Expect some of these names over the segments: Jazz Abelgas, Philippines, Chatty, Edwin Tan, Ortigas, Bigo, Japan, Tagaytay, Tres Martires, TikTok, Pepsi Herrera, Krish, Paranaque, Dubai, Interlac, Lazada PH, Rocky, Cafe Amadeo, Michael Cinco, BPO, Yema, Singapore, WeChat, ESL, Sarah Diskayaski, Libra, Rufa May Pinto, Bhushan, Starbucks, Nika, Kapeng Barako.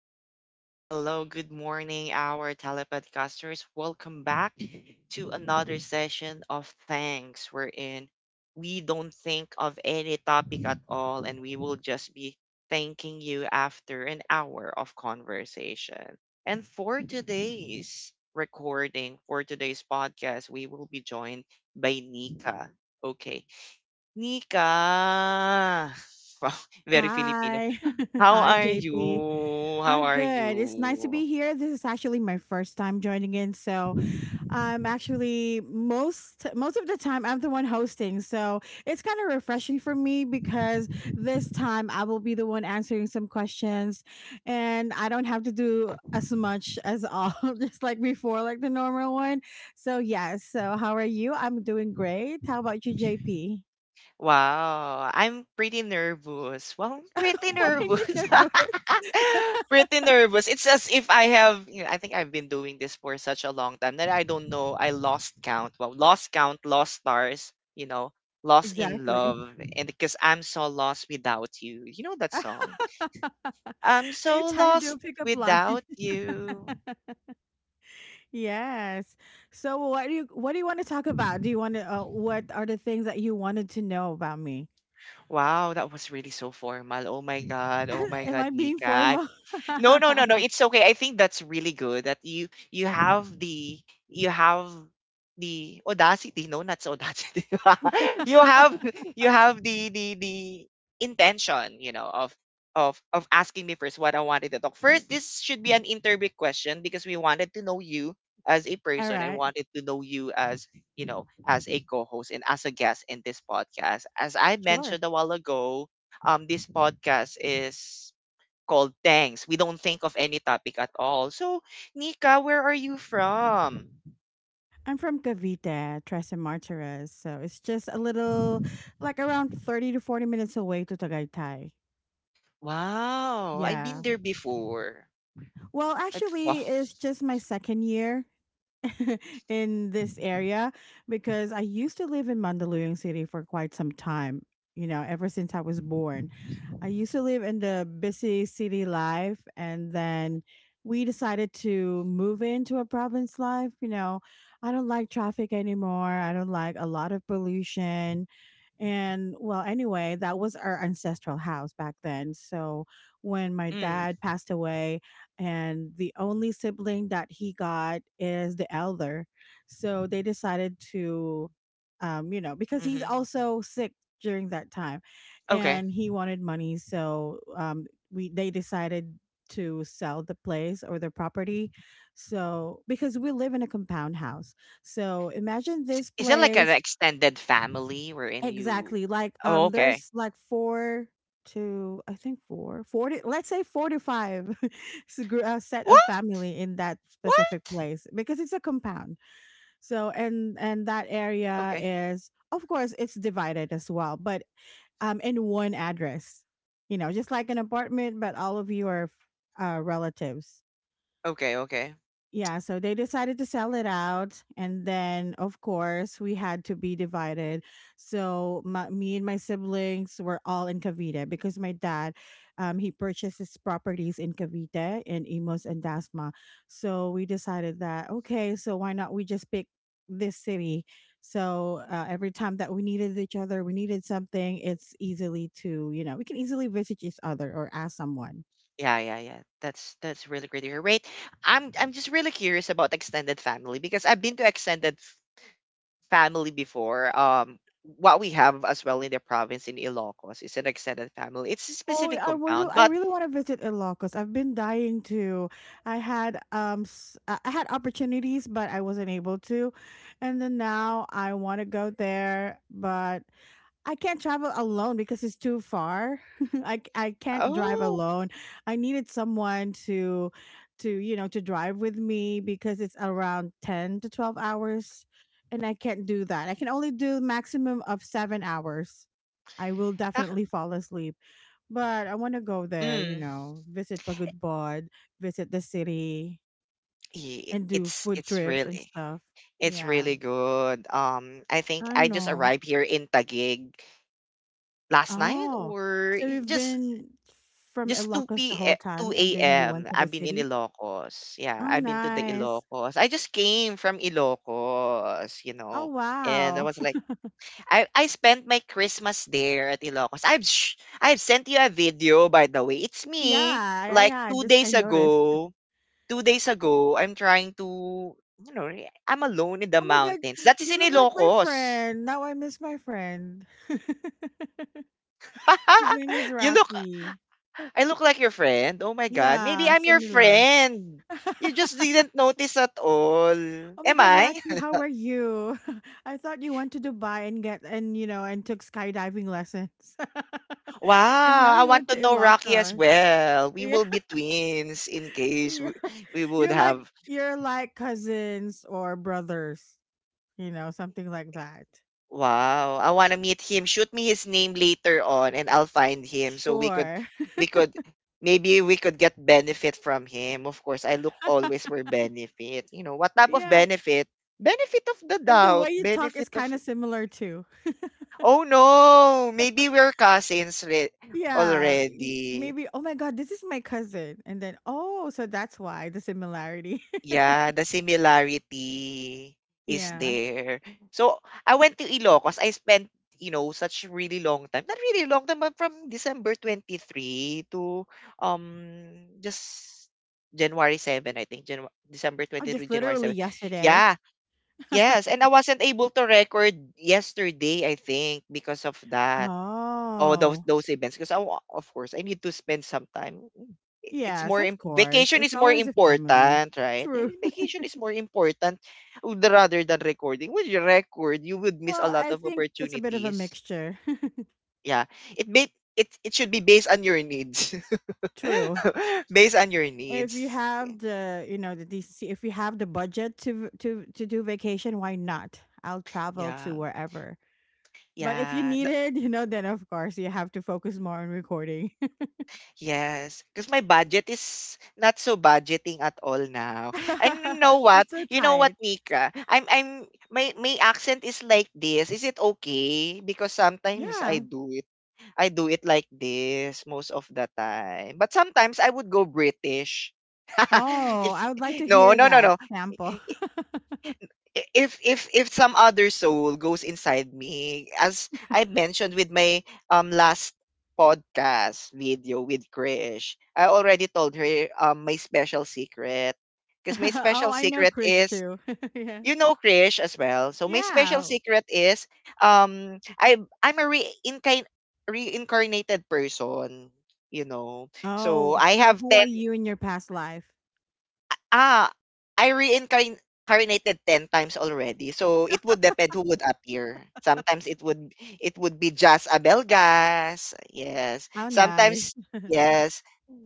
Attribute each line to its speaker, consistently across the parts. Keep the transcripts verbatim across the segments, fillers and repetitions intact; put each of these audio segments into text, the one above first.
Speaker 1: Hello, hello, hello, hello. Good morning, our telepodcasters. Welcome back to another session of Thanks. We're in. We don't think of any topic at all, and we will just be thanking you after an hour of conversation. And for today's recording, for today's podcast, we will be joined by Nika. Okay. Nika! Wow, very Filipino.
Speaker 2: Hi.
Speaker 1: How
Speaker 2: Hi,
Speaker 1: are
Speaker 2: J P.
Speaker 1: you? How
Speaker 2: I'm
Speaker 1: are
Speaker 2: good. It's nice to
Speaker 1: you?
Speaker 2: be here. This is actually my first time joining in, so I'm actually most most of the time I'm the one hosting. So, it's kind of refreshing for me because this time I will be the one answering some questions and I don't have to do as much as all just like before like the normal one. So, yeah. So, how are you? I'm doing great. How about you, J P?
Speaker 1: Wow, I'm pretty nervous. Well, I'm pretty
Speaker 2: Why are you
Speaker 1: nervous.
Speaker 2: nervous?
Speaker 1: Pretty nervous. It's as if I have, you know, I think I've been doing this for such a long time that I don't know. I lost count. Well, lost count, lost stars, you know, lost in
Speaker 2: Exactly.
Speaker 1: love. And because I'm so lost without you. You know that song? I'm
Speaker 2: Are you
Speaker 1: so
Speaker 2: trying to do a
Speaker 1: lost
Speaker 2: pickup line?
Speaker 1: without you.
Speaker 2: Yes. So what do you what do you want to talk about? Do you want to uh, what are the things that you wanted to know about me?
Speaker 1: Wow, that was really so formal. Oh my God. Oh my
Speaker 2: Am
Speaker 1: God,
Speaker 2: I being
Speaker 1: Nika. I'm
Speaker 2: formal?
Speaker 1: No, no,
Speaker 2: All
Speaker 1: no, no. It's okay. I think that's really good that you you have the you have the audacity. No, not so audacity. you have you have the the the intention, you know, of of of asking me first what I wanted to talk. First, this should be an interview question because we wanted to know you as a person and
Speaker 2: right.
Speaker 1: wanted to know you as you know as a co-host and as a guest in this podcast. As I
Speaker 2: Sure.
Speaker 1: mentioned a while ago, um, this podcast is called Thanks. We don't think of any topic at all. So, Nika, where are you from?
Speaker 2: I'm from Cavite, Tres and Martires, so it's just a little like around thirty to forty minutes away to Tagaytay.
Speaker 1: Wow, I've been
Speaker 2: Yeah.
Speaker 1: there before.
Speaker 2: Well,
Speaker 1: I, wow.
Speaker 2: actually, it's just my second year in this area because I used to live in Mandaluyong City for quite some time, you know, ever since I was born. I used to live in the busy city life, and then we decided to move into a province life, you know. I don't like traffic anymore. I don't like a lot of pollution. And well, anyway, that was our ancestral house back then. So when my
Speaker 1: Mm,
Speaker 2: dad passed away, and the only sibling that he got is the elder. So they decided to, um, you know, because he's
Speaker 1: hmm.
Speaker 2: also sick during that time,
Speaker 1: Okay.
Speaker 2: and he wanted money. So um, we they decided to sell the place or the property. So because we live in a compound house, so imagine
Speaker 1: Is,
Speaker 2: this
Speaker 1: is it like an
Speaker 2: place.
Speaker 1: extended family wherein you?
Speaker 2: Exactly, like,
Speaker 1: Oh,
Speaker 2: um,
Speaker 1: okay.
Speaker 2: there's like four to I think four, four to let's say four to five s gr uh, set of
Speaker 1: What?
Speaker 2: family in that specific
Speaker 1: What?
Speaker 2: place because it's a compound. So, and and that area
Speaker 1: Okay.
Speaker 2: is, of course, it's divided as well, but, um, in one address, you know, just like an apartment, but all of you are uh, relatives.
Speaker 1: Okay. Okay.
Speaker 2: Yeah, so they decided to sell it out. And then, of course, we had to be divided. So, my, me and my siblings were all in Cavite because my dad, um, he purchased his properties in Cavite and Imos and Dasma. So, we decided that, okay, so why not we just pick this city? So, uh, every time that we needed each other, we needed something, it's easily to, you know, we can easily visit each other or ask someone.
Speaker 1: Yeah, yeah, yeah. That's that's really great to hear. Wait, I'm I'm just really curious about extended family because I've been to extended family before. Um, what we have as well in the province in Ilocos is an extended family. It's a
Speaker 2: Oh,
Speaker 1: specific
Speaker 2: I would.
Speaker 1: compound,
Speaker 2: I
Speaker 1: but
Speaker 2: really want to visit Ilocos. I've been dying to. I had um, s- I I had opportunities, but I wasn't able to, and then now I want to go there, but I can't travel alone because it's too far. I I c- I can't drive
Speaker 1: oh,
Speaker 2: alone. I needed someone to to you know to drive with me because it's around ten to twelve hours and I can't do that. I can only do maximum of seven hours. I will
Speaker 1: nak-
Speaker 2: definitely fall asleep. But I want to go there, you
Speaker 1: mm,
Speaker 2: know, visit Pagudbod, visit the city
Speaker 1: i-
Speaker 2: and do
Speaker 1: it's
Speaker 2: food
Speaker 1: it's
Speaker 2: trips and
Speaker 1: really
Speaker 2: stuff.
Speaker 1: it's
Speaker 2: Yeah.
Speaker 1: really good. Um, I think
Speaker 2: I
Speaker 1: I just
Speaker 2: know.
Speaker 1: arrived here in Taguig last night,
Speaker 2: Oh,
Speaker 1: or
Speaker 2: so you've
Speaker 1: just
Speaker 2: been from
Speaker 1: just two
Speaker 2: Ilocos the
Speaker 1: p
Speaker 2: whole
Speaker 1: m, two
Speaker 2: time
Speaker 1: a
Speaker 2: and then you went to the
Speaker 1: have been in
Speaker 2: city?
Speaker 1: Ilocos. Yeah,
Speaker 2: Oh,
Speaker 1: I've been to the
Speaker 2: nice.
Speaker 1: Ilocos. I just came from Ilocos, you
Speaker 2: Oh,
Speaker 1: know, and I
Speaker 2: wow.
Speaker 1: was like. I I spent my Christmas there at Ilocos. I've sh- I've sent you a video by the way. It's me.
Speaker 2: Yeah, yeah,
Speaker 1: Like
Speaker 2: yeah.
Speaker 1: two
Speaker 2: Just
Speaker 1: days
Speaker 2: I noticed.
Speaker 1: ago, two days ago, I'm trying to you know re- I'm alone in the
Speaker 2: Oh my God,
Speaker 1: mountains. That is
Speaker 2: you
Speaker 1: in
Speaker 2: look like my
Speaker 1: Ilocos.
Speaker 2: friend. Now I miss my friend. His name is
Speaker 1: you look
Speaker 2: Rocky.
Speaker 1: I look like your friend. Oh my god, maybe
Speaker 2: Yeah,
Speaker 1: I'm your
Speaker 2: similar.
Speaker 1: friend. You just didn't notice at all.
Speaker 2: Oh my
Speaker 1: Am
Speaker 2: God,
Speaker 1: I?
Speaker 2: Rocky, how are you? I thought you went to Dubai and get and you know and took skydiving lessons, and
Speaker 1: Wow,
Speaker 2: now
Speaker 1: I
Speaker 2: you
Speaker 1: want
Speaker 2: went
Speaker 1: to
Speaker 2: to
Speaker 1: know Rocky as
Speaker 2: Ilocos.
Speaker 1: well. We will be twins in case
Speaker 2: Yeah.
Speaker 1: we, we would
Speaker 2: You're like
Speaker 1: have.
Speaker 2: you're like cousins or brothers, you know, something like that.
Speaker 1: Wow, I wanna meet him. Shoot me his name later on and I'll find him so we could
Speaker 2: Sure.
Speaker 1: we could maybe we could get benefit from him. Of course, I look always for benefit. You know, what type of
Speaker 2: Yeah.
Speaker 1: benefit? Benefit of the
Speaker 2: And the way
Speaker 1: doubt,
Speaker 2: you talk
Speaker 1: benefit
Speaker 2: is
Speaker 1: of
Speaker 2: kind of similar too.
Speaker 1: oh no, maybe we're cousins re-
Speaker 2: Yeah. y-
Speaker 1: already.
Speaker 2: Maybe, oh my God, this is my cousin. And then, oh, so that's why the similarity.
Speaker 1: Yeah, the similarity is
Speaker 2: Yeah.
Speaker 1: there. So I went to Ilocos. I spent, you know, such really long time. Not really long time, but from December twenty-third to um just January seventh, I think. Janu- December
Speaker 2: Oh,
Speaker 1: 23,
Speaker 2: just
Speaker 1: January
Speaker 2: literally
Speaker 1: 7.
Speaker 2: yesterday.
Speaker 1: Yeah. Yes, and I wasn't able to record yesterday, I think, because of that. Oh, those
Speaker 2: Oh.
Speaker 1: those events because I wa- of course I need to spend some time. Mm, i- It's
Speaker 2: Yes,
Speaker 1: more
Speaker 2: of
Speaker 1: im-
Speaker 2: course.
Speaker 1: vacation
Speaker 2: It's
Speaker 1: is more
Speaker 2: always a family.
Speaker 1: important, right? Eh,
Speaker 2: True.
Speaker 1: Vacation is more important w- the- rather than recording. With your record, you would miss a
Speaker 2: Well,
Speaker 1: lot
Speaker 2: I
Speaker 1: of
Speaker 2: think it's a bit of a
Speaker 1: opportunities.
Speaker 2: mixture.
Speaker 1: Yeah, it may it it should be based on your needs,
Speaker 2: True.
Speaker 1: based on your
Speaker 2: If you
Speaker 1: needs.
Speaker 2: have the you know the decency, if you have the budget to v- to to do vacation, why not? I'll travel
Speaker 1: Yeah,
Speaker 2: to wherever. But if you
Speaker 1: yeah.
Speaker 2: need it, you know then of course you have to focus more on recording.
Speaker 1: Yes, because my budget is not so budgeting at all now. And you know what?
Speaker 2: It's so
Speaker 1: You know what,
Speaker 2: tight.
Speaker 1: Nika? I'm I'm my my accent is like this. Is it okay? Because sometimes I
Speaker 2: Yeah.
Speaker 1: do it. I do it like this most of the time. But sometimes I would go British.
Speaker 2: Oh,
Speaker 1: if
Speaker 2: I would like to
Speaker 1: No,
Speaker 2: hear
Speaker 1: no, no,
Speaker 2: that
Speaker 1: no,
Speaker 2: sample.
Speaker 1: i- if if if some other soul goes inside me as I mentioned with my um last podcast video with krish. I already told her um my special secret because my
Speaker 2: Oh,
Speaker 1: special
Speaker 2: I know
Speaker 1: secret
Speaker 2: Krish
Speaker 1: is,
Speaker 2: too. Yeah.
Speaker 1: you know, Krish as well, so my special
Speaker 2: Yeah.
Speaker 1: secret is um i I'm a reincarn- reincarnated person you know so
Speaker 2: Oh,
Speaker 1: i
Speaker 2: so
Speaker 1: have
Speaker 2: who are you in your past life?
Speaker 1: Ah, I reincarnated ten times already, so it would depend who would appear. Sometimes it would it would be Jazz Abelgas, yes.
Speaker 2: How nice.
Speaker 1: Sometimes yes.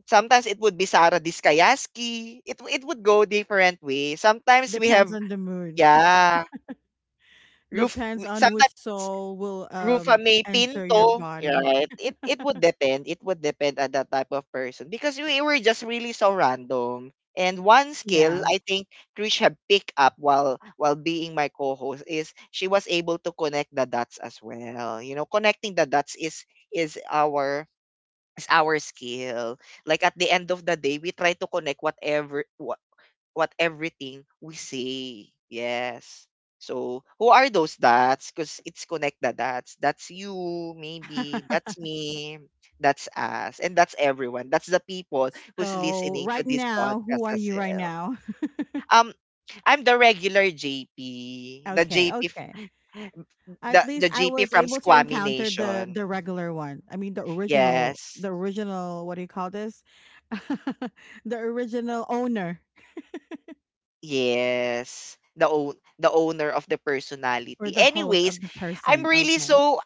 Speaker 1: Sometimes it would be Sarah Diskayaski. It w- it would go different way. Sometimes we
Speaker 2: Depends
Speaker 1: have
Speaker 2: on the mood.
Speaker 1: yeah, roof
Speaker 2: Depends
Speaker 1: w-
Speaker 2: on
Speaker 1: sometimes
Speaker 2: which soul will
Speaker 1: Rufa
Speaker 2: um
Speaker 1: may
Speaker 2: enter your
Speaker 1: Pinto,
Speaker 2: body.
Speaker 1: right? It it would depend. It would depend on that type of person because we were just really so random. And one skill
Speaker 2: Yeah.
Speaker 1: I think Trish had picked up while while being my co-host is she was able to connect the dots as well. You know, connecting the dots is is our is our skill. Like at the end of the day, we try to connect whatever what everything we say. Yes. So who are those dots? Because it's connect the dots. That's you, maybe. That's me. That's us. And that's everyone. That's the people who's
Speaker 2: So
Speaker 1: listening to
Speaker 2: right
Speaker 1: this
Speaker 2: now, who
Speaker 1: podcast
Speaker 2: are
Speaker 1: as
Speaker 2: you right
Speaker 1: well.
Speaker 2: now?
Speaker 1: Um, I'm the regular J P.
Speaker 2: Okay,
Speaker 1: The JP
Speaker 2: okay. At
Speaker 1: the,
Speaker 2: least I
Speaker 1: the JP
Speaker 2: was
Speaker 1: from
Speaker 2: able to
Speaker 1: Squammy
Speaker 2: encounter the
Speaker 1: Nation.
Speaker 2: the regular one. I mean the original
Speaker 1: Yes.
Speaker 2: the original what do you call this? The original owner
Speaker 1: Yes. The own the owner of the
Speaker 2: or
Speaker 1: personality.
Speaker 2: the host
Speaker 1: Anyways,
Speaker 2: of the
Speaker 1: I'm
Speaker 2: person.
Speaker 1: really
Speaker 2: Okay.
Speaker 1: so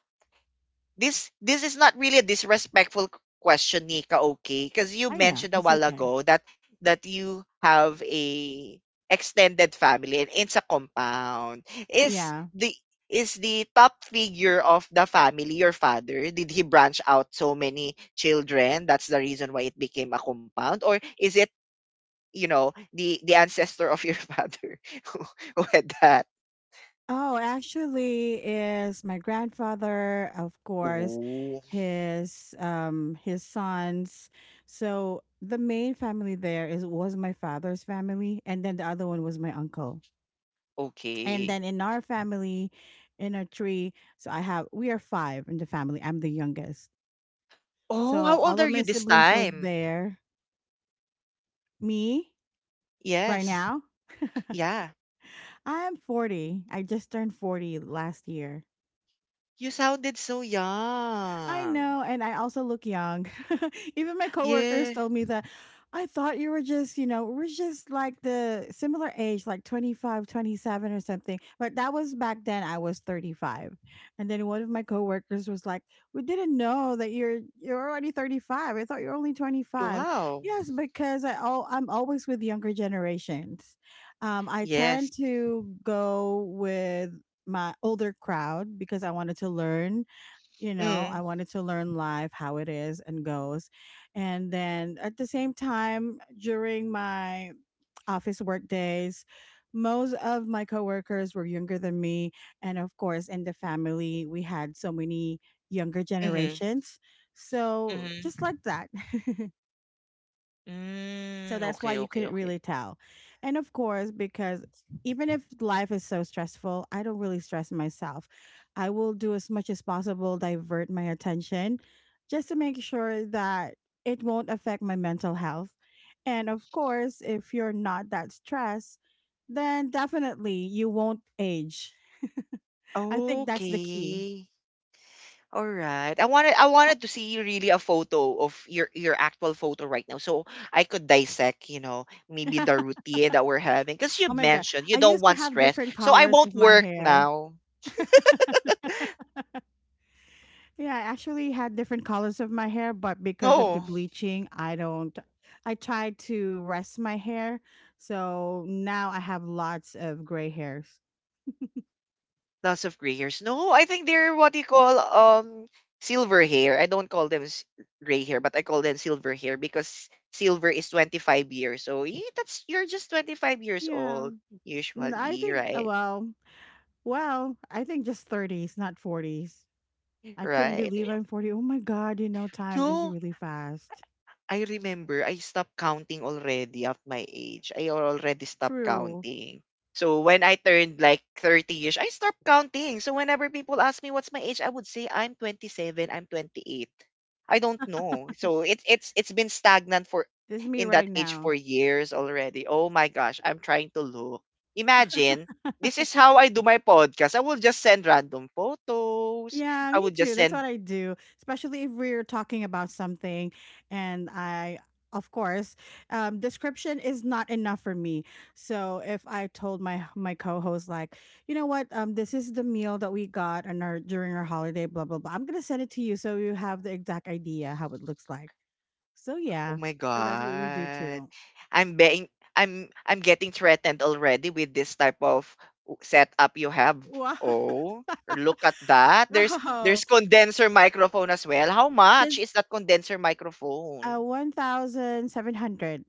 Speaker 1: this this is not really a disrespectful q- question, Nika, okay? Because you
Speaker 2: I know.
Speaker 1: mentioned a
Speaker 2: It's
Speaker 1: while
Speaker 2: okay.
Speaker 1: ago that that you have a extended family and it's a compound. Is
Speaker 2: Yeah.
Speaker 1: the is the top figure of the family your father? Did he branch out so many children? That's the reason why it became a compound, or is it you know the the ancestor of your father who who had that?
Speaker 2: Oh, actually, is my grandfather, of course,
Speaker 1: Ooh,
Speaker 2: his um his sons. So the main family there is was my father's family, and then the other one was my uncle. And
Speaker 1: okay.
Speaker 2: then in our family, in our tree, so I have we are five in the family. I'm the youngest, so
Speaker 1: Oh, how old
Speaker 2: all
Speaker 1: are
Speaker 2: of my
Speaker 1: you this
Speaker 2: siblings were
Speaker 1: time?
Speaker 2: there. Me right
Speaker 1: Yes.
Speaker 2: now,
Speaker 1: Yeah.
Speaker 2: I'm forty. I just turned forty last year.
Speaker 1: You sounded so
Speaker 2: I
Speaker 1: young.
Speaker 2: know, and I also look young. Even my coworkers
Speaker 1: Yeah.
Speaker 2: told me that I thought you were just, you know, we're just like the similar age, like twenty five, twenty seven, or something. But that was back then I was thirty-five. And then one of my coworkers was like, "We didn't know that you're you're already thirty-five. I thought you're only twenty five."
Speaker 1: Wow.
Speaker 2: Yes, because I all I'm always with younger generations. Um I
Speaker 1: Yes.
Speaker 2: tend to go with my older crowd because I wanted to learn you know I
Speaker 1: Mm.
Speaker 2: wanted to learn live how it is and goes. And then at the same time during my office work days, most of my coworkers were younger than me, and of course in the family we had so many younger
Speaker 1: Mhm.
Speaker 2: generations, so just
Speaker 1: Mhm.
Speaker 2: like that. So
Speaker 1: Mm.
Speaker 2: that's why
Speaker 1: Okay,
Speaker 2: you
Speaker 1: okay,
Speaker 2: couldn't
Speaker 1: okay.
Speaker 2: really tell. And of course, because even if life is so stressful, I don't really stress myself. I will do as much as possible, divert my attention just to make sure that it won't affect my mental health. And of course, if you're not that stressed, then definitely you won't age. I think that's the key.
Speaker 1: Okay. All right. I wanted I wanted to see really a photo of your your actual photo right now so I could dissect, you know, maybe the
Speaker 2: Oh
Speaker 1: routine that we're having because you
Speaker 2: my God.
Speaker 1: mentioned you
Speaker 2: I
Speaker 1: don't
Speaker 2: used to
Speaker 1: want
Speaker 2: have
Speaker 1: stress.
Speaker 2: different
Speaker 1: So I
Speaker 2: colors
Speaker 1: won't
Speaker 2: of my
Speaker 1: work
Speaker 2: hair.
Speaker 1: now.
Speaker 2: Yeah, I actually had different colors of my hair, but because of the
Speaker 1: Oh.
Speaker 2: bleaching, I don't. I tried to rest my hair, so now I have lots of gray hairs.
Speaker 1: Lots of gray hairs. No, I think they're what you call um silver hair. I don't call them s- gray hair, but I call them silver hair because silver is twenty-five years. So yeah, that's you're just twenty-five years
Speaker 2: Yeah,
Speaker 1: old
Speaker 2: N- I
Speaker 1: usually,
Speaker 2: think. uh,
Speaker 1: right?
Speaker 2: Well, well, I think just thirties, not forties. I couldn't
Speaker 1: Right.
Speaker 2: believe I'm forty. Oh my god, you know, time is
Speaker 1: No.
Speaker 2: really fast.
Speaker 1: I remember I stopped counting already at my age. I already stopped
Speaker 2: True.
Speaker 1: counting. So when I turned like thirty-ish, I stopped counting. So whenever people ask me what's my age, I would say I'm twenty-seven, I'm twenty-eight. I don't know. So it's it's it's been stagnant for
Speaker 2: This is me
Speaker 1: in
Speaker 2: right
Speaker 1: that age
Speaker 2: now.
Speaker 1: for years already. Oh my gosh, I'm trying to look. Imagine this is how I do my podcast. I will just send random photos.
Speaker 2: Yeah,
Speaker 1: I
Speaker 2: me
Speaker 1: would
Speaker 2: too.
Speaker 1: just
Speaker 2: That's
Speaker 1: send
Speaker 2: what I do, especially if we're talking about something. And I, of course, um, description is not enough for me. So if I told my my co-host, like, you know what, um, this is the meal that we got on our during our holiday, blah blah blah. I'm gonna send it to you so you have the exact idea how it looks like. So
Speaker 1: Oh
Speaker 2: yeah,
Speaker 1: my
Speaker 2: so that's what we do
Speaker 1: god.
Speaker 2: too.
Speaker 1: I'm being I'm I'm getting threatened already with this type of w- setup you have.
Speaker 2: Wow.
Speaker 1: Oh, look at that. There's there's condenser microphone as well. How much
Speaker 2: Because
Speaker 1: is that condenser
Speaker 2: uh,
Speaker 1: microphone?
Speaker 2: one thousand seven hundred.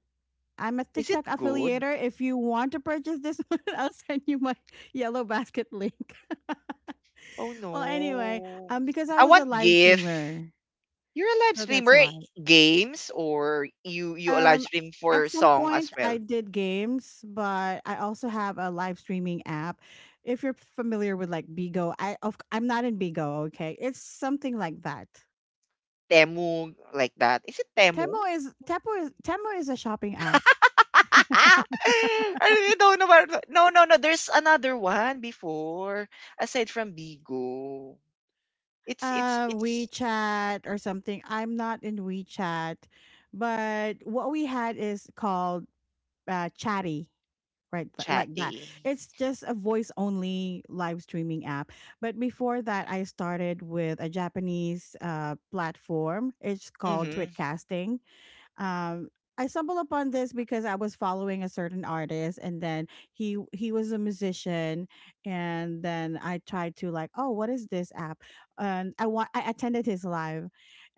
Speaker 2: I'm a
Speaker 1: Is it
Speaker 2: TikTok
Speaker 1: good?
Speaker 2: affiliator. If you want to purchase this one, I'll send you my yellow basket link.
Speaker 1: Oh
Speaker 2: Well, anyway,
Speaker 1: no.
Speaker 2: um, because I
Speaker 1: I
Speaker 2: was a
Speaker 1: want
Speaker 2: live
Speaker 1: GIF.
Speaker 2: streamer,
Speaker 1: You're a live
Speaker 2: so that's
Speaker 1: streamer eh,
Speaker 2: why.
Speaker 1: games or you you a live
Speaker 2: Um,
Speaker 1: stream
Speaker 2: at
Speaker 1: for
Speaker 2: some
Speaker 1: song as
Speaker 2: point, I
Speaker 1: well.
Speaker 2: did games, but I also have a live streaming app. If you're familiar with like Bigo, I of, I'm not in Bigo. Okay, it's something like that.
Speaker 1: Temu like that. Is it Temu?
Speaker 2: Temo is Temo is Temo is a shopping app.
Speaker 1: I don't know what- no, no, no. There's another one before aside from Bigo. It's it's
Speaker 2: uh
Speaker 1: it's
Speaker 2: WeChat or something. I'm not in WeChat, but what we had is called uh, Chatty, right? Th- like that.
Speaker 1: chatty.
Speaker 2: It's just a voice only live streaming app. But before that, I started with a Japanese uh, platform. It's called
Speaker 1: Mhm.
Speaker 2: Twitcasting. Um, I stumbled upon this because I was following a certain artist, and then he he was a musician, and then I tried to like, oh, what is this app? And I want I attended his live,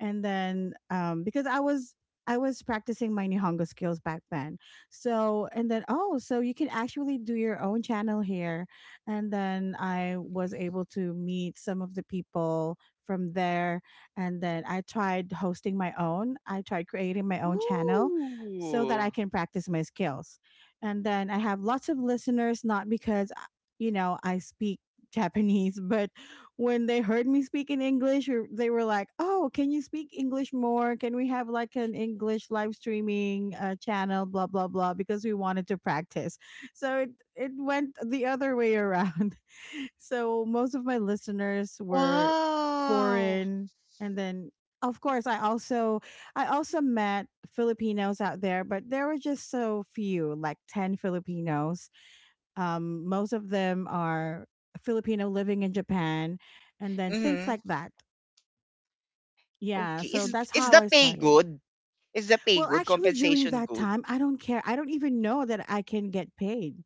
Speaker 2: and then um, because I was I was practicing my Nihongo skills back then, so and then oh, so you can actually do your own channel here, and then I was able to meet some of the people from there and then I tried hosting my own. I tried creating my own channel so that
Speaker 1: Ooh.
Speaker 2: I can practice my skills. And then I have lots of listeners, not because, uh, you know, I speak Japanese. But when they heard me speak in English, or they were like, "Oh, can you speak English more? Can we have like an English live streaming uh, channel, blah, blah, blah, because we wanted to practice." So it, it went the other way around. So most of my listeners were
Speaker 1: Wow.
Speaker 2: foreign, and then of course I also, I also met Filipinos out there, but there were just so few, like ten Filipinos. Um most of them are Filipino living in Japan and then things
Speaker 1: Mhm.
Speaker 2: like that. Yeah,
Speaker 1: Okay.
Speaker 2: so
Speaker 1: Is
Speaker 2: that's
Speaker 1: is
Speaker 2: how
Speaker 1: the
Speaker 2: I
Speaker 1: pay
Speaker 2: started.
Speaker 1: good? Is the pay
Speaker 2: Well,
Speaker 1: good?
Speaker 2: actually during
Speaker 1: Compensation
Speaker 2: that
Speaker 1: good?
Speaker 2: time, I don't care. I don't even know that I can get paid,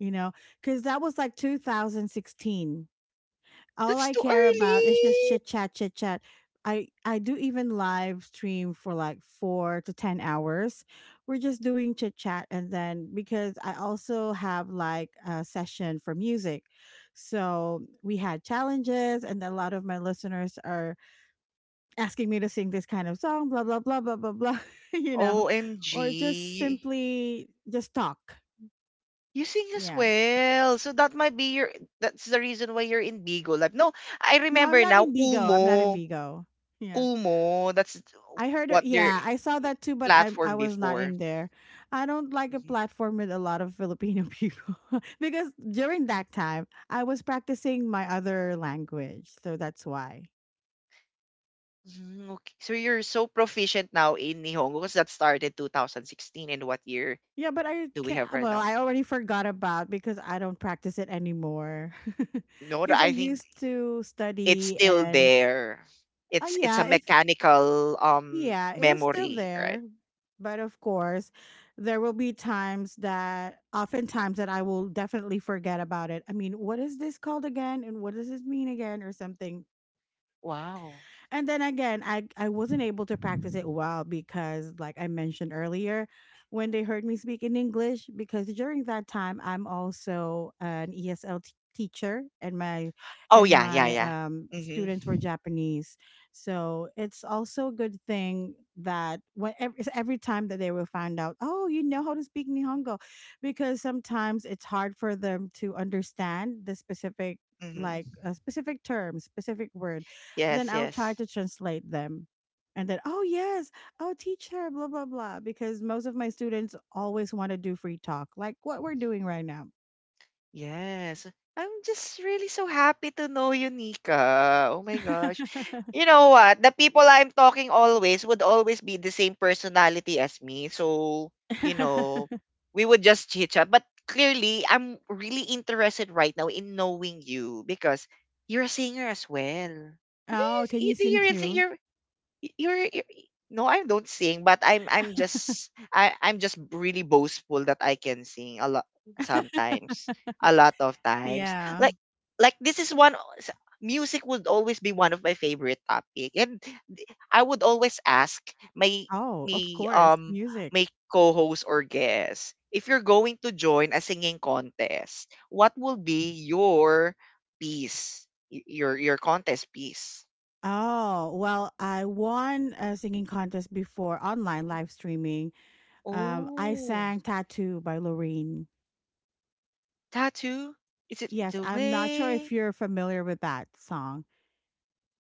Speaker 2: you know, cuz that was like two thousand sixteen. All
Speaker 1: That's
Speaker 2: I
Speaker 1: too
Speaker 2: care about is just
Speaker 1: early.
Speaker 2: chit chat, chit chat. I I do even live stream for like four to ten hours. We're just doing chit chat, and then because I also have like a session for music. So we had challenges, and a lot of my listeners are asking me to sing this kind of song, blah blah blah blah blah blah, you know, or just
Speaker 1: O M G.
Speaker 2: simply just talk.
Speaker 1: You sing as
Speaker 2: Yeah.
Speaker 1: well. So that might be your that's the reason why you're in Bigo Lab. No, I
Speaker 2: No, I'm
Speaker 1: remember
Speaker 2: not
Speaker 1: now
Speaker 2: in Bigo. I'm not in
Speaker 1: Kumo.
Speaker 2: Bigo. Yeah.
Speaker 1: Kumu, that's
Speaker 2: I heard, it-
Speaker 1: what their
Speaker 2: yeah, I saw that too, but I I
Speaker 1: platform
Speaker 2: was not
Speaker 1: before.
Speaker 2: in there. I don't like a
Speaker 1: Mhm.
Speaker 2: platform with a lot of Filipino people because during that time I was practicing my other language, so that's why.
Speaker 1: Mm, Okay. So you're so proficient now in Nihongo because that started twenty sixteen and what year
Speaker 2: Yeah, but I
Speaker 1: do we
Speaker 2: can't.
Speaker 1: have right
Speaker 2: Well,
Speaker 1: now?
Speaker 2: I already forgot about because I don't practice it anymore.
Speaker 1: No, th-
Speaker 2: Because I
Speaker 1: I think
Speaker 2: used to
Speaker 1: it's
Speaker 2: study
Speaker 1: still
Speaker 2: and
Speaker 1: there.
Speaker 2: uh,
Speaker 1: It's it's a
Speaker 2: yeah, if.
Speaker 1: mechanical um
Speaker 2: Yeah, it was still
Speaker 1: memory, right?
Speaker 2: there. But of course, there will be times that, oftentimes, that I will definitely forget about it. I mean, what is this called again? And what does this mean again? Or something.
Speaker 1: Wow.
Speaker 2: And then again, I I wasn't able to practice it well because like I mentioned earlier, when they heard me speak in English, because during that time I'm also an E S L teacher and my
Speaker 1: Oh
Speaker 2: and
Speaker 1: yeah, yeah,
Speaker 2: my
Speaker 1: yeah.
Speaker 2: um
Speaker 1: Mhm.
Speaker 2: students were Japanese. So it's also a good thing that when every, every time that they will find out, "Oh, you know how to speak Nihongo." Because sometimes it's hard for them to understand the specific, like
Speaker 1: Mhm.
Speaker 2: uh, specific terms, specific words, then
Speaker 1: Yes,
Speaker 2: I'll try
Speaker 1: yes.
Speaker 2: to translate them. And then, oh, yes, oh, teacher, blah, blah, blah. Because most of my students always want to do free talk, like what we're doing right now.
Speaker 1: Yes. I'm just really so happy to know you, Nika. Oh my gosh. You know what? The people I'm talking always would always be the same personality as me. So, you know, we would just chit chat. But clearly, I'm really interested right now in knowing you because you're a singer as well. Do
Speaker 2: Oh, can
Speaker 1: you,
Speaker 2: you
Speaker 1: do
Speaker 2: sing
Speaker 1: you really think
Speaker 2: too?
Speaker 1: you're y- you're, you're no, I don't sing, but I'm I'm just I I'm just really boastful that I can sing a lot sometimes, a lot of times.
Speaker 2: Yeah.
Speaker 1: Like like this is one o- s- music would always be one of my favorite topic, and th- I would always ask my
Speaker 2: Oh, of
Speaker 1: my
Speaker 2: course,
Speaker 1: um
Speaker 2: music.
Speaker 1: my co-host or guest if you're going to join a singing contest, what will be your piece, y- your your contest piece?
Speaker 2: Oh, well, I won a singing contest before online live streaming. Um, I
Speaker 1: Oh.
Speaker 2: sang Tattoo by Loreen.
Speaker 1: Tattoo? Is it
Speaker 2: Yes,
Speaker 1: The
Speaker 2: I'm not sure if
Speaker 1: Way?
Speaker 2: you're familiar with that song,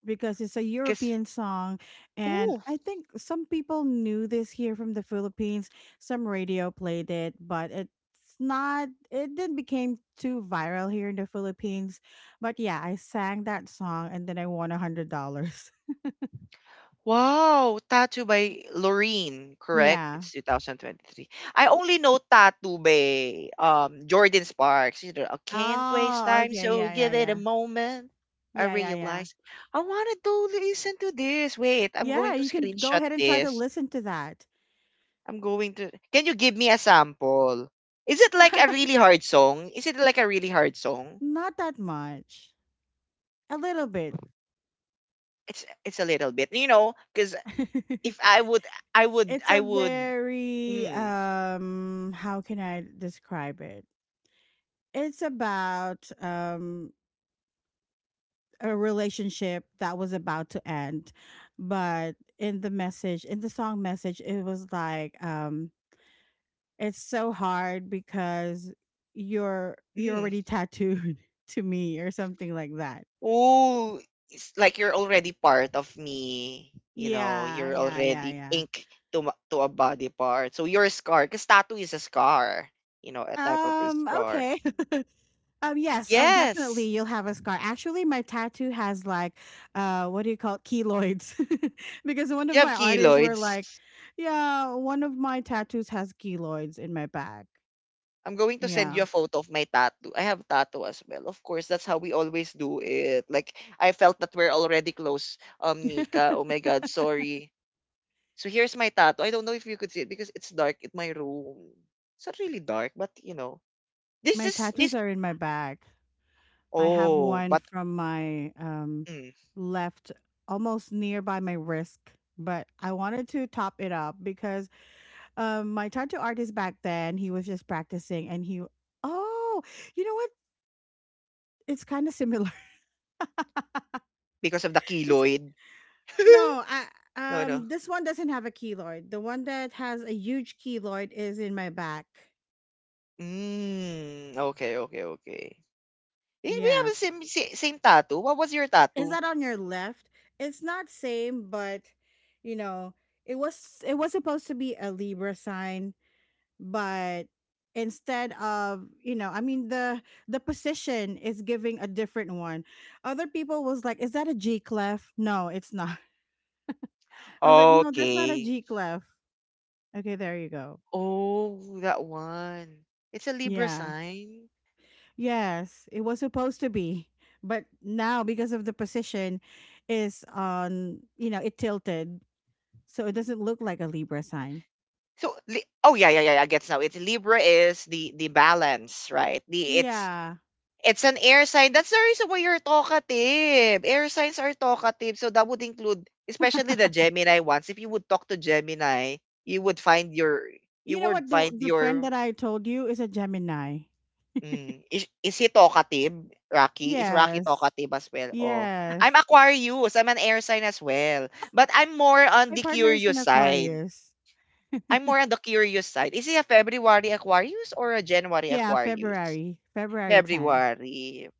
Speaker 2: because it's a
Speaker 1: Because,
Speaker 2: European song. And
Speaker 1: ooh,
Speaker 2: I think some people knew this here from the Philippines. Some radio played it, but it's not, it didn't became too viral here in the Philippines. But yeah, I sang that song and then I won a $100.
Speaker 1: wow, Tattoo by Loreen, correct?
Speaker 2: Yeah.
Speaker 1: It's twenty twenty-three. I only know Tattoo by um, Jordan Sparks. You know, I can't waste
Speaker 2: Oh,
Speaker 1: time,
Speaker 2: okay.
Speaker 1: so
Speaker 2: Yeah, yeah,
Speaker 1: give it a
Speaker 2: yeah.
Speaker 1: moment. I
Speaker 2: Yeah, yeah, yeah.
Speaker 1: realize I wanted to listen to this. Wait, I'm
Speaker 2: Yeah,
Speaker 1: going to
Speaker 2: you can go
Speaker 1: screenshot
Speaker 2: ahead and try to
Speaker 1: this.
Speaker 2: listen to that.
Speaker 1: I'm going to. Can you give me a sample? Is it like a really hard song? Is it like a really hard song?
Speaker 2: Not that much, a little bit.
Speaker 1: It's it's a little bit, you know, because If I would I would
Speaker 2: It's
Speaker 1: I
Speaker 2: a
Speaker 1: would
Speaker 2: very
Speaker 1: mm,
Speaker 2: um how can I describe it? It's about um a relationship that was about to end, but in the message, in the song message, it was like um it's so hard because you're you're already
Speaker 1: mm.
Speaker 2: tattooed to me or something like that.
Speaker 1: Oh, it's like you're already part of me. You know,
Speaker 2: Yeah,
Speaker 1: you're
Speaker 2: yeah,
Speaker 1: already
Speaker 2: yeah,
Speaker 1: ink to ma- to a body part. So you're a scar, because tattoo is a scar. You know, a type of a
Speaker 2: yeah. Um,
Speaker 1: scar.
Speaker 2: okay. Um, yes, um, definitely
Speaker 1: Yes.
Speaker 2: you'll have a scar. Actually, my tattoo has like, uh, what do you call it? Keloids. Because one of
Speaker 1: You have
Speaker 2: my artists were like,
Speaker 1: keloids.
Speaker 2: yeah, one of my tattoos has keloids in my back.
Speaker 1: I'm going to send you
Speaker 2: Yeah.
Speaker 1: a photo of my tattoo. I have tattoo as well. Of course, that's how we always do it. Like I felt that we're already close. Um, Nika. Oh my God, sorry. So here's my tattoo. I don't know if you could see it because it's dark in my room. It's not really dark, but you know, this
Speaker 2: My
Speaker 1: is
Speaker 2: tattoos
Speaker 1: this.
Speaker 2: are in my back. I have
Speaker 1: Oh,
Speaker 2: one
Speaker 1: but
Speaker 2: from my um,
Speaker 1: mm,
Speaker 2: left, almost nearby my wrist, but I wanted to top it up because um, my tattoo artist back then, he was just practicing and he, oh, you know what? It's kind of similar.
Speaker 1: because of the
Speaker 2: It's
Speaker 1: keloid.
Speaker 2: no, I
Speaker 1: no, no.
Speaker 2: um This one doesn't have a keloid. The one that has a huge keloid is in my back.
Speaker 1: Mm, okay, okay, okay. Eh, we have
Speaker 2: Yeah.
Speaker 1: the same sa- same tattoo. What was your
Speaker 2: Is
Speaker 1: tattoo?
Speaker 2: that on your left? It's not same, but you know, it was it was supposed to be a Libra sign, but instead of, you know, I mean the the position is giving a different one. Other people was like, "Is that a G clef?" No, it's not. I was like, "No, that's not a
Speaker 1: Okay.
Speaker 2: G clef." Okay, there you go.
Speaker 1: Oh, that one. It's a Libra
Speaker 2: Yeah.
Speaker 1: sign.
Speaker 2: Yes, it was supposed to be. But now because of the position is on, you know, it tilted. So it doesn't look like a Libra sign.
Speaker 1: So, li- oh yeah, yeah, yeah. I guess now. It's Libra is the the balance, right? The it's
Speaker 2: Yeah.
Speaker 1: It's an air sign. That's the reason why you're talkative. Air signs are talkative. So that would include, especially the Gemini ones. If you would talk to Gemini, you would find your, you
Speaker 2: You know
Speaker 1: would
Speaker 2: what, the
Speaker 1: find
Speaker 2: the friend
Speaker 1: your,
Speaker 2: that I told you is a Gemini.
Speaker 1: mm, is, is he talkative, Rocky? Is Rocky
Speaker 2: Yes.
Speaker 1: talkative as well? Oh, I'm
Speaker 2: Yes.
Speaker 1: Aquarius. I'm an air sign as well. But I'm more on
Speaker 2: My
Speaker 1: the
Speaker 2: partner is an
Speaker 1: curious side.
Speaker 2: Aquarius.
Speaker 1: I'm more on the curious side. Is he a February Aquarius or a January
Speaker 2: Yeah,
Speaker 1: Aquarius?
Speaker 2: February, February tenth.
Speaker 1: February.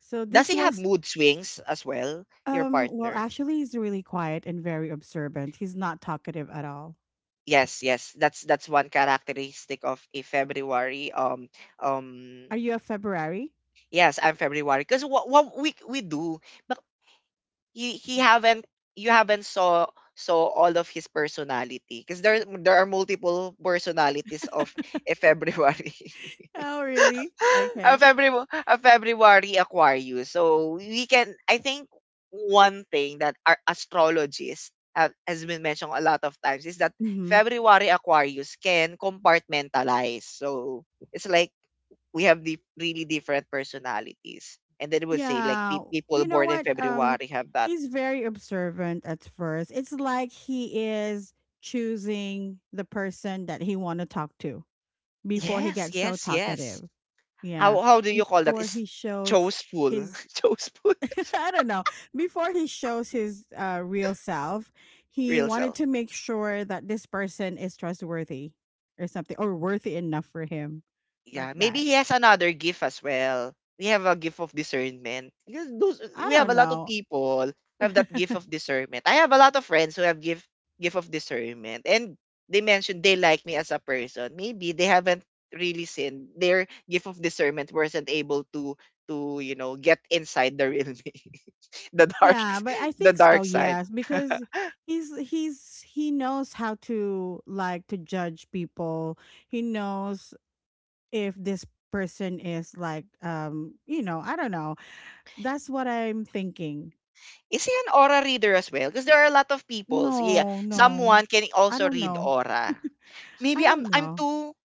Speaker 2: So
Speaker 1: Does
Speaker 2: this
Speaker 1: he have
Speaker 2: was
Speaker 1: mood swings as well, your
Speaker 2: um well
Speaker 1: partner?
Speaker 2: actually he's really quiet and very observant. He's not talkative at all.
Speaker 1: Yes, yes. That's that's one characteristic of a February. Um, um.
Speaker 2: Are you a February?
Speaker 1: Yes, I'm February because what, what we we do, but he, he haven't you haven't saw saw all of his personality because there there are multiple personalities of a February.
Speaker 2: Oh, really?
Speaker 1: a
Speaker 2: Okay.
Speaker 1: February a February Aquarius. So we can I think one thing that our astrologists have, has been mentioned a lot of times is that
Speaker 2: Mhm.
Speaker 1: February Aquarius can compartmentalize. So it's like we have the really different personalities. And then it would say like
Speaker 2: Yeah.
Speaker 1: pe- people
Speaker 2: You know
Speaker 1: born in
Speaker 2: what? Um,
Speaker 1: February have that.
Speaker 2: he's very observant at first. It's like he is choosing the person that he want to talk to before he
Speaker 1: Yes,
Speaker 2: gets so
Speaker 1: yes, yes.
Speaker 2: talkative. Yeah.
Speaker 1: How how do you call that?
Speaker 2: Before
Speaker 1: It's
Speaker 2: he shows
Speaker 1: chooseful.
Speaker 2: his
Speaker 1: chooseful.
Speaker 2: I don't know, before he shows his uh real self. He
Speaker 1: Real
Speaker 2: wanted
Speaker 1: self.
Speaker 2: to make sure that this person is trustworthy or something, or worthy enough for him like
Speaker 1: Yeah, maybe
Speaker 2: that.
Speaker 1: he has another gift as well. We have a gift of discernment. Because those
Speaker 2: I
Speaker 1: we have
Speaker 2: don't
Speaker 1: a lot of
Speaker 2: know.
Speaker 1: people who have that gift of discernment. I have a lot of friends who have gift gift of discernment. And they mentioned they like me as a person. Maybe they haven't really seen their gift of discernment wasn't able to to, you know, get inside the real me. the dark
Speaker 2: Yeah, but I
Speaker 1: the
Speaker 2: think so,
Speaker 1: dark side.
Speaker 2: yes, because he's he's he knows how to like to judge people. He knows if this person is like um, you know, I don't know. That's what I'm thinking.
Speaker 1: Is he an aura reader as well? Because there are a lot of people. So yeah,
Speaker 2: No, no.
Speaker 1: someone can
Speaker 2: I
Speaker 1: also
Speaker 2: don't
Speaker 1: read
Speaker 2: know.
Speaker 1: aura.
Speaker 2: I
Speaker 1: Maybe I'm
Speaker 2: don't
Speaker 1: I'm
Speaker 2: know.
Speaker 1: too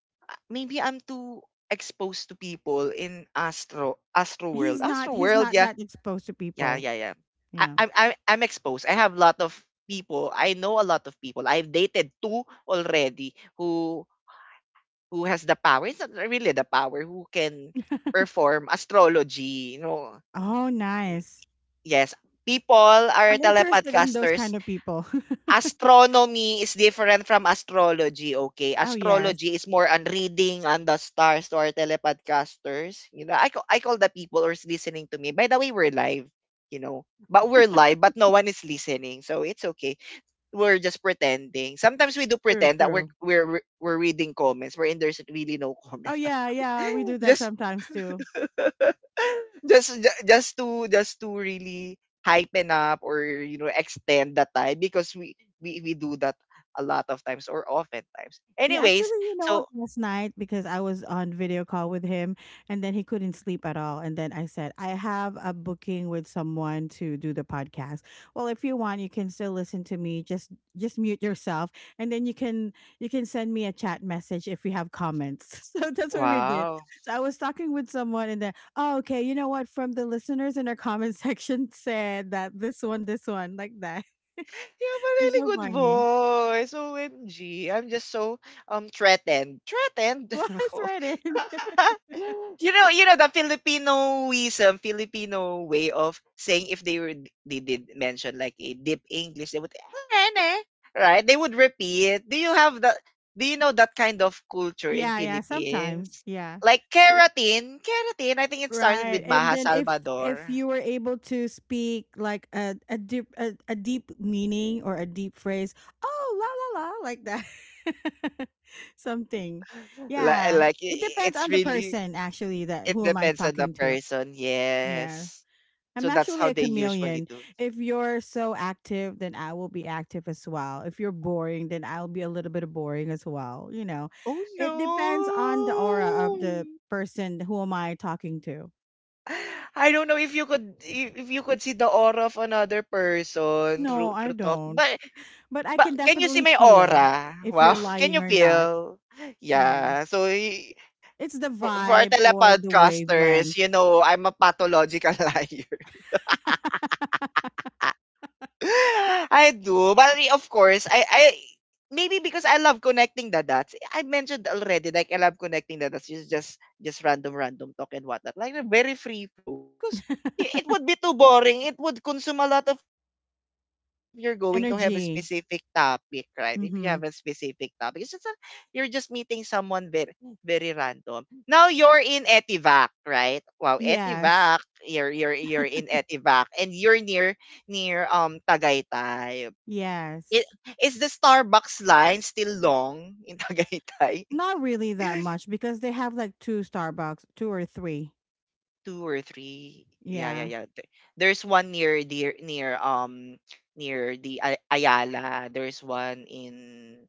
Speaker 1: maybe I'm too exposed to people in Astro Astro World.
Speaker 2: He's
Speaker 1: Astro
Speaker 2: not he's
Speaker 1: World,
Speaker 2: not
Speaker 1: yeah.
Speaker 2: that exposed to
Speaker 1: Yeah,
Speaker 2: people.
Speaker 1: yeah, yeah. I,
Speaker 2: Yeah.
Speaker 1: I'm I'm I'm exposed. I have a lot of people. I know a lot of people. I've dated two already who who has the power. It's not really the power who can perform astrology, you know.
Speaker 2: Oh, nice.
Speaker 1: Yes. People are
Speaker 2: I'm interested in those
Speaker 1: telepodcasters.
Speaker 2: kind of people.
Speaker 1: Astronomy is different from astrology, okay?
Speaker 2: Oh, yes.
Speaker 1: Astrology is more on reading on the stars to our telepodcasters. You know, I call, I call the people who's listening to me. By the way, we're live, you know. But we're live, but no one is listening. So it's okay. We're just pretending. Sometimes we do
Speaker 2: True,
Speaker 1: pretend that we're
Speaker 2: true.
Speaker 1: we're we're reading comments wherein there's really no
Speaker 2: Oh,
Speaker 1: comment.
Speaker 2: yeah, yeah, we do that
Speaker 1: just
Speaker 2: sometimes too.
Speaker 1: just ju- just to just to really hypen up or you know extend the time because we we we do that a lot of times or often times.
Speaker 2: Yeah, actually,
Speaker 1: Anyways,
Speaker 2: you know what?
Speaker 1: so
Speaker 2: Last night, because I was on video call with him, and then he couldn't sleep at all. And then I said, I have a booking with someone to do the podcast. Well, if you want, you can still listen to me. Just just mute yourself, and then you can you can send me a chat message if you have comments. So that's what we did.
Speaker 1: wow,
Speaker 2: So I was talking with someone, and then oh, okay, you know what? From the listeners in our comment section said that this one, this one, like that.
Speaker 1: you have a
Speaker 2: It's
Speaker 1: really
Speaker 2: so
Speaker 1: good
Speaker 2: funny.
Speaker 1: voice. O M G, I'm just so um threatened, threatened.
Speaker 2: Well, it's right in.
Speaker 1: you know, you know the Filipinoism, Filipino way of saying if they were they did mention like a deep English, they would "Ene," right? They would repeat. Do you have that? Do you know that kind of culture in
Speaker 2: Yeah, yeah, sometimes.
Speaker 1: Philippines?
Speaker 2: Yeah.
Speaker 1: Like keratin, keratin. I think it started
Speaker 2: Right.
Speaker 1: with
Speaker 2: And
Speaker 1: Maha
Speaker 2: then if if
Speaker 1: Salvador.
Speaker 2: you were able to speak like a a deep a, a deep meaning or a deep phrase, oh la la la like that. Something.
Speaker 1: Like,
Speaker 2: Yeah.
Speaker 1: like
Speaker 2: It
Speaker 1: i-
Speaker 2: depends
Speaker 1: it's
Speaker 2: on the
Speaker 1: really
Speaker 2: person actually that
Speaker 1: it
Speaker 2: who am I
Speaker 1: depends on the
Speaker 2: talking to.
Speaker 1: person.
Speaker 2: Yes.
Speaker 1: Yes. So
Speaker 2: I'm
Speaker 1: that's
Speaker 2: actually
Speaker 1: how
Speaker 2: a
Speaker 1: they usually
Speaker 2: chameleon.
Speaker 1: do.
Speaker 2: If you're so active, then I will be active as well. If you're boring, then I'll be a little bit boring as well. You know,
Speaker 1: Oh
Speaker 2: it depends on the aura of
Speaker 1: no.
Speaker 2: the person who am I talking to.
Speaker 1: I don't know if you could if if you could see the aura of another person
Speaker 2: No,
Speaker 1: through
Speaker 2: I
Speaker 1: through talk.
Speaker 2: don't.
Speaker 1: But
Speaker 2: But I
Speaker 1: but
Speaker 2: can
Speaker 1: can you see
Speaker 2: definitely
Speaker 1: my
Speaker 2: feel
Speaker 1: aura?
Speaker 2: if you're
Speaker 1: Wow, can
Speaker 2: lying
Speaker 1: you
Speaker 2: or not.
Speaker 1: feel?
Speaker 2: Yeah.
Speaker 1: Yeah. So y-
Speaker 2: It's the
Speaker 1: for for our
Speaker 2: vibe or the wavelength.
Speaker 1: telepodcasters, you know, I'm a pathological liar. I do. But I- of course, I I maybe because I love connecting the dots. I mentioned already, like I love connecting the dots. It's just just random, random talk and whatnot. Like a very free flow because i- it would be too boring. It would consume a lot of your brain juices if you're going to have a
Speaker 2: Energy.
Speaker 1: specific topic, right? If you
Speaker 2: Mhm.
Speaker 1: have a specific topic, it's just a, you're just meeting someone very very random. Now you're in Etivac, right? Wow,
Speaker 2: Yes.
Speaker 1: Etivac. You're you're you're in Etivac, and you're near near um Tagaytay. It,
Speaker 2: Yes.
Speaker 1: is the Starbucks line still long in Tagaytay?
Speaker 2: Not really that much because they have like two Starbucks, two or three.
Speaker 1: Two or three? Yeah, yeah,
Speaker 2: Yeah.
Speaker 1: yeah. Th- There's one near the near um near the Ay- Ayala. There's one in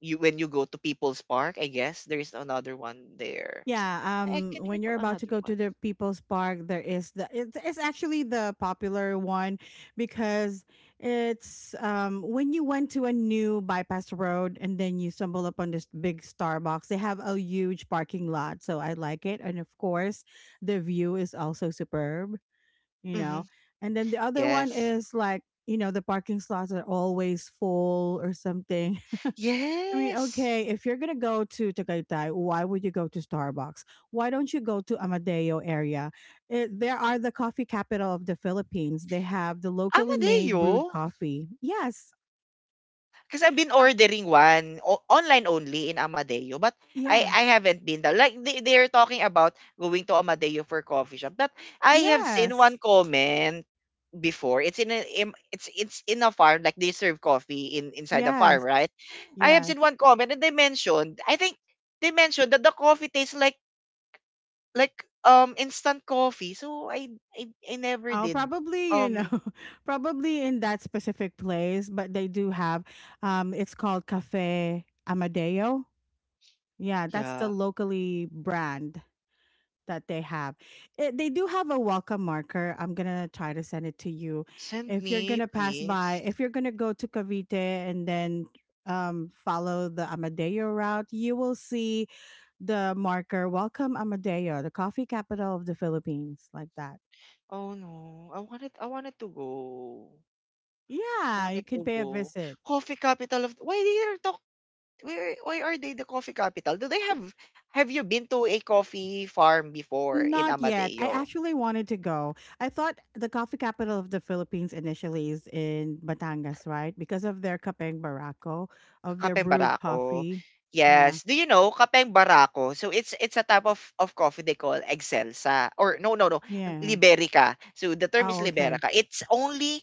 Speaker 1: you when you go to People's Park. I guess there's another one there.
Speaker 2: Yeah,
Speaker 1: I
Speaker 2: um
Speaker 1: can't
Speaker 2: when you're
Speaker 1: recall
Speaker 2: about to
Speaker 1: another
Speaker 2: go to
Speaker 1: one.
Speaker 2: the People's Park, there is the it's, it's actually the popular one because it's um when you went to a new bypass road and then you stumble upon this big Starbucks, they have a huge parking lot, so I like it, and of course, the view is also superb, you
Speaker 1: Mm-hmm.
Speaker 2: know. And then the other one
Speaker 1: Yes.
Speaker 2: is like, you know, the parking slots are always full or something. I mean,
Speaker 1: Yes.
Speaker 2: okay, if you're gonna go to Tagaytay, why would you go to Starbucks? Why don't you go to Amadeo area? It, there are the coffee capital of the Philippines. They have the locally made
Speaker 1: Amadeo.
Speaker 2: brewed coffee. Yes,
Speaker 1: Because I've been
Speaker 2: uh,
Speaker 1: ordering one o- online only in Amadeo, but I
Speaker 2: yeah,
Speaker 1: I haven't been there. Like they, they're talking about going to Amadeo for coffee shop, but I have seen one
Speaker 2: yes,
Speaker 1: comment before. It's in a im- it's it's in a farm like they serve coffee in inside the farm,
Speaker 2: yes,
Speaker 1: right? I have
Speaker 2: yes.
Speaker 1: seen one comment and they mentioned I think they mentioned that the coffee tastes like like um instant coffee. So I I, I never
Speaker 2: Oh,
Speaker 1: did.
Speaker 2: probably you know,
Speaker 1: Um
Speaker 2: probably in that specific place, but they do have. Um, it's called Cafe Amadeo. Yeah, that's the
Speaker 1: yeah,
Speaker 2: locally brand that they have. It, they do have a welcome marker. I'm gonna try to send it to you.
Speaker 1: send
Speaker 2: If you're
Speaker 1: me
Speaker 2: gonna pass by,
Speaker 1: please.
Speaker 2: if you're gonna go to Cavite and then um, follow the Amadeo route, you will see the marker, "Welcome Amadeo, the coffee capital of the Philippines," like that.
Speaker 1: Oh, no. I wanted I wanted to go. I
Speaker 2: Yeah, you
Speaker 1: wanted
Speaker 2: can
Speaker 1: to
Speaker 2: pay a
Speaker 1: go.
Speaker 2: visit.
Speaker 1: Coffee capital of why they are talk why why are they the coffee capital? Do they have have you been to a coffee farm before in
Speaker 2: Not yet. I
Speaker 1: Amadeo?
Speaker 2: actually wanted to go. I thought the coffee capital of the Philippines initially is in Batangas, right? Because of their Kapeng Barako, of their
Speaker 1: Kapeng
Speaker 2: brewed
Speaker 1: Barako.
Speaker 2: coffee. Yeah.
Speaker 1: Yes. Do you know Kapeng Barako? So it's it's a type of, of coffee they call Excelsa or no no no
Speaker 2: Yeah.
Speaker 1: Liberica. So the term is
Speaker 2: Oh, okay.
Speaker 1: Liberica. It's only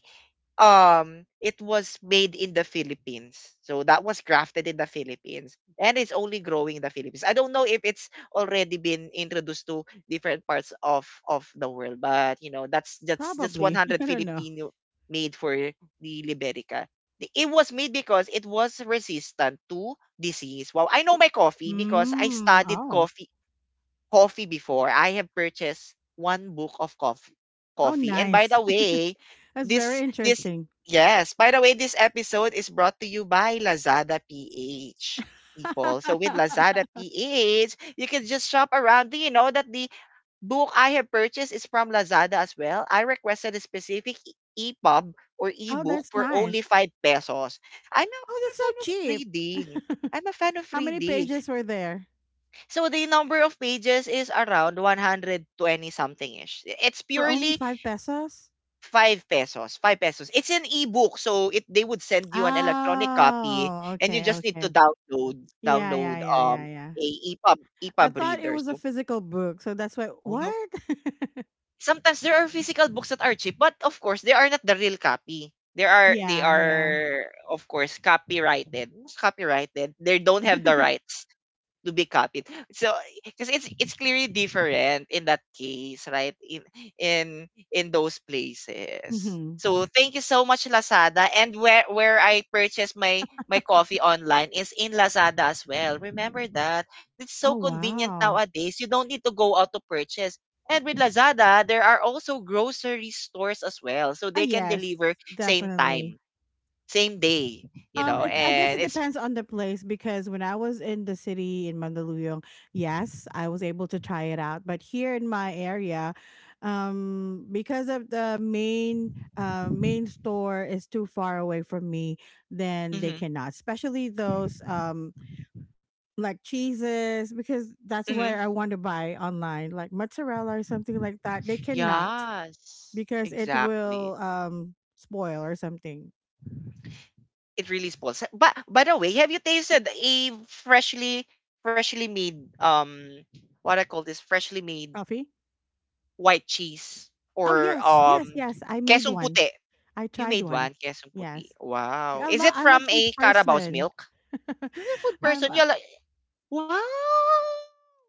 Speaker 1: um it was made in the Philippines. So that was crafted in the Philippines and it's only growing in the Philippines. I don't know if it's already been introduced to different parts of of the world, but you know, that's that's just
Speaker 2: Probably. I don't
Speaker 1: one hundred percent
Speaker 2: know.
Speaker 1: Filipino made for the Liberica. The- It was made because it was resistant to disease. Well, I know my coffee because I
Speaker 2: Mm,
Speaker 1: studied
Speaker 2: oh.
Speaker 1: coffee coffee before. I have purchased one book of coffee.
Speaker 2: Oh,
Speaker 1: Coffee. And by the
Speaker 2: nice.
Speaker 1: way,
Speaker 2: That's very
Speaker 1: this this
Speaker 2: interesting.
Speaker 1: yes, by the way, this episode is brought to you by Lazada P H people. So with Lazada P H, you can just shop around. Do you know that the book I have purchased is from Lazada as well? I requested a specific e- EPUB or
Speaker 2: Oh,
Speaker 1: ebook
Speaker 2: that's
Speaker 1: for only
Speaker 2: nice.
Speaker 1: five pesos. I'm a,
Speaker 2: Oh,
Speaker 1: I'm a
Speaker 2: that's so
Speaker 1: fan of
Speaker 2: cheap.
Speaker 1: reading. I'm a fan of
Speaker 2: How many
Speaker 1: reading.
Speaker 2: pages were there?
Speaker 1: So the number of pages is around one hundred twenty something ish. It's
Speaker 2: For only
Speaker 1: purely
Speaker 2: five pesos?
Speaker 1: five pesos, five pesos. It's an ebook so it they would send you an electronic copy
Speaker 2: Oh,
Speaker 1: and you
Speaker 2: okay,
Speaker 1: just need to
Speaker 2: okay.
Speaker 1: download
Speaker 2: Yeah, yeah,
Speaker 1: download
Speaker 2: yeah, yeah,
Speaker 1: um
Speaker 2: yeah.
Speaker 1: a E P U B
Speaker 2: I
Speaker 1: E P U B
Speaker 2: thought it
Speaker 1: reader.
Speaker 2: was a
Speaker 1: So
Speaker 2: physical book, so that's why
Speaker 1: oh no.
Speaker 2: what?
Speaker 1: Sometimes there are physical books that are cheap, but of course they are not the real copy. There are they
Speaker 2: Yeah, yeah.
Speaker 1: are of course copyrighted. What's copyrighted? They don't have the rights to be copied. So because it's it's clearly different in that case, right? In in in those places.
Speaker 2: Mhm.
Speaker 1: So thank you so much Lazada and where where I purchase my my coffee online is in Lazada as well. Remember that. It's so
Speaker 2: Oh,
Speaker 1: convenient
Speaker 2: wow.
Speaker 1: nowadays. You don't need to go out to purchase. And with Lazada, there are also grocery stores as well. So
Speaker 2: Oh,
Speaker 1: they can
Speaker 2: yes,
Speaker 1: deliver same
Speaker 2: definitely.
Speaker 1: time, same day, you
Speaker 2: Um,
Speaker 1: know,
Speaker 2: it, I guess
Speaker 1: and
Speaker 2: it
Speaker 1: it's
Speaker 2: depends on the place because when I was in the city in Mandaluyong, yes, I was able to try it out. But here in my area, um, because of the main uh, main store is too far away from me, then they
Speaker 1: mhm,
Speaker 2: cannot. Especially those um like cheeses because that's
Speaker 1: mhm.
Speaker 2: where I want to buy online, like mozzarella or something like that. They cannot
Speaker 1: Yes,
Speaker 2: because it will
Speaker 1: exactly.
Speaker 2: um spoil or something.
Speaker 1: It really spoils. But by the way, have you tasted a freshly freshly made um what I call this freshly made
Speaker 2: Coffee?
Speaker 1: white cheese
Speaker 2: Oh
Speaker 1: or
Speaker 2: yes, yes,
Speaker 1: um
Speaker 2: yes. I made
Speaker 1: kesong
Speaker 2: one.
Speaker 1: puti?
Speaker 2: I
Speaker 1: You
Speaker 2: tried
Speaker 1: made
Speaker 2: one.
Speaker 1: one kesong puti.
Speaker 2: Yes.
Speaker 1: Wow.
Speaker 2: I
Speaker 1: Is
Speaker 2: lo-
Speaker 1: it
Speaker 2: I'm a
Speaker 1: from
Speaker 2: cheese
Speaker 1: a Carabao's
Speaker 2: person.
Speaker 1: milk? You're a food person.
Speaker 2: I'm.
Speaker 1: You're like wow.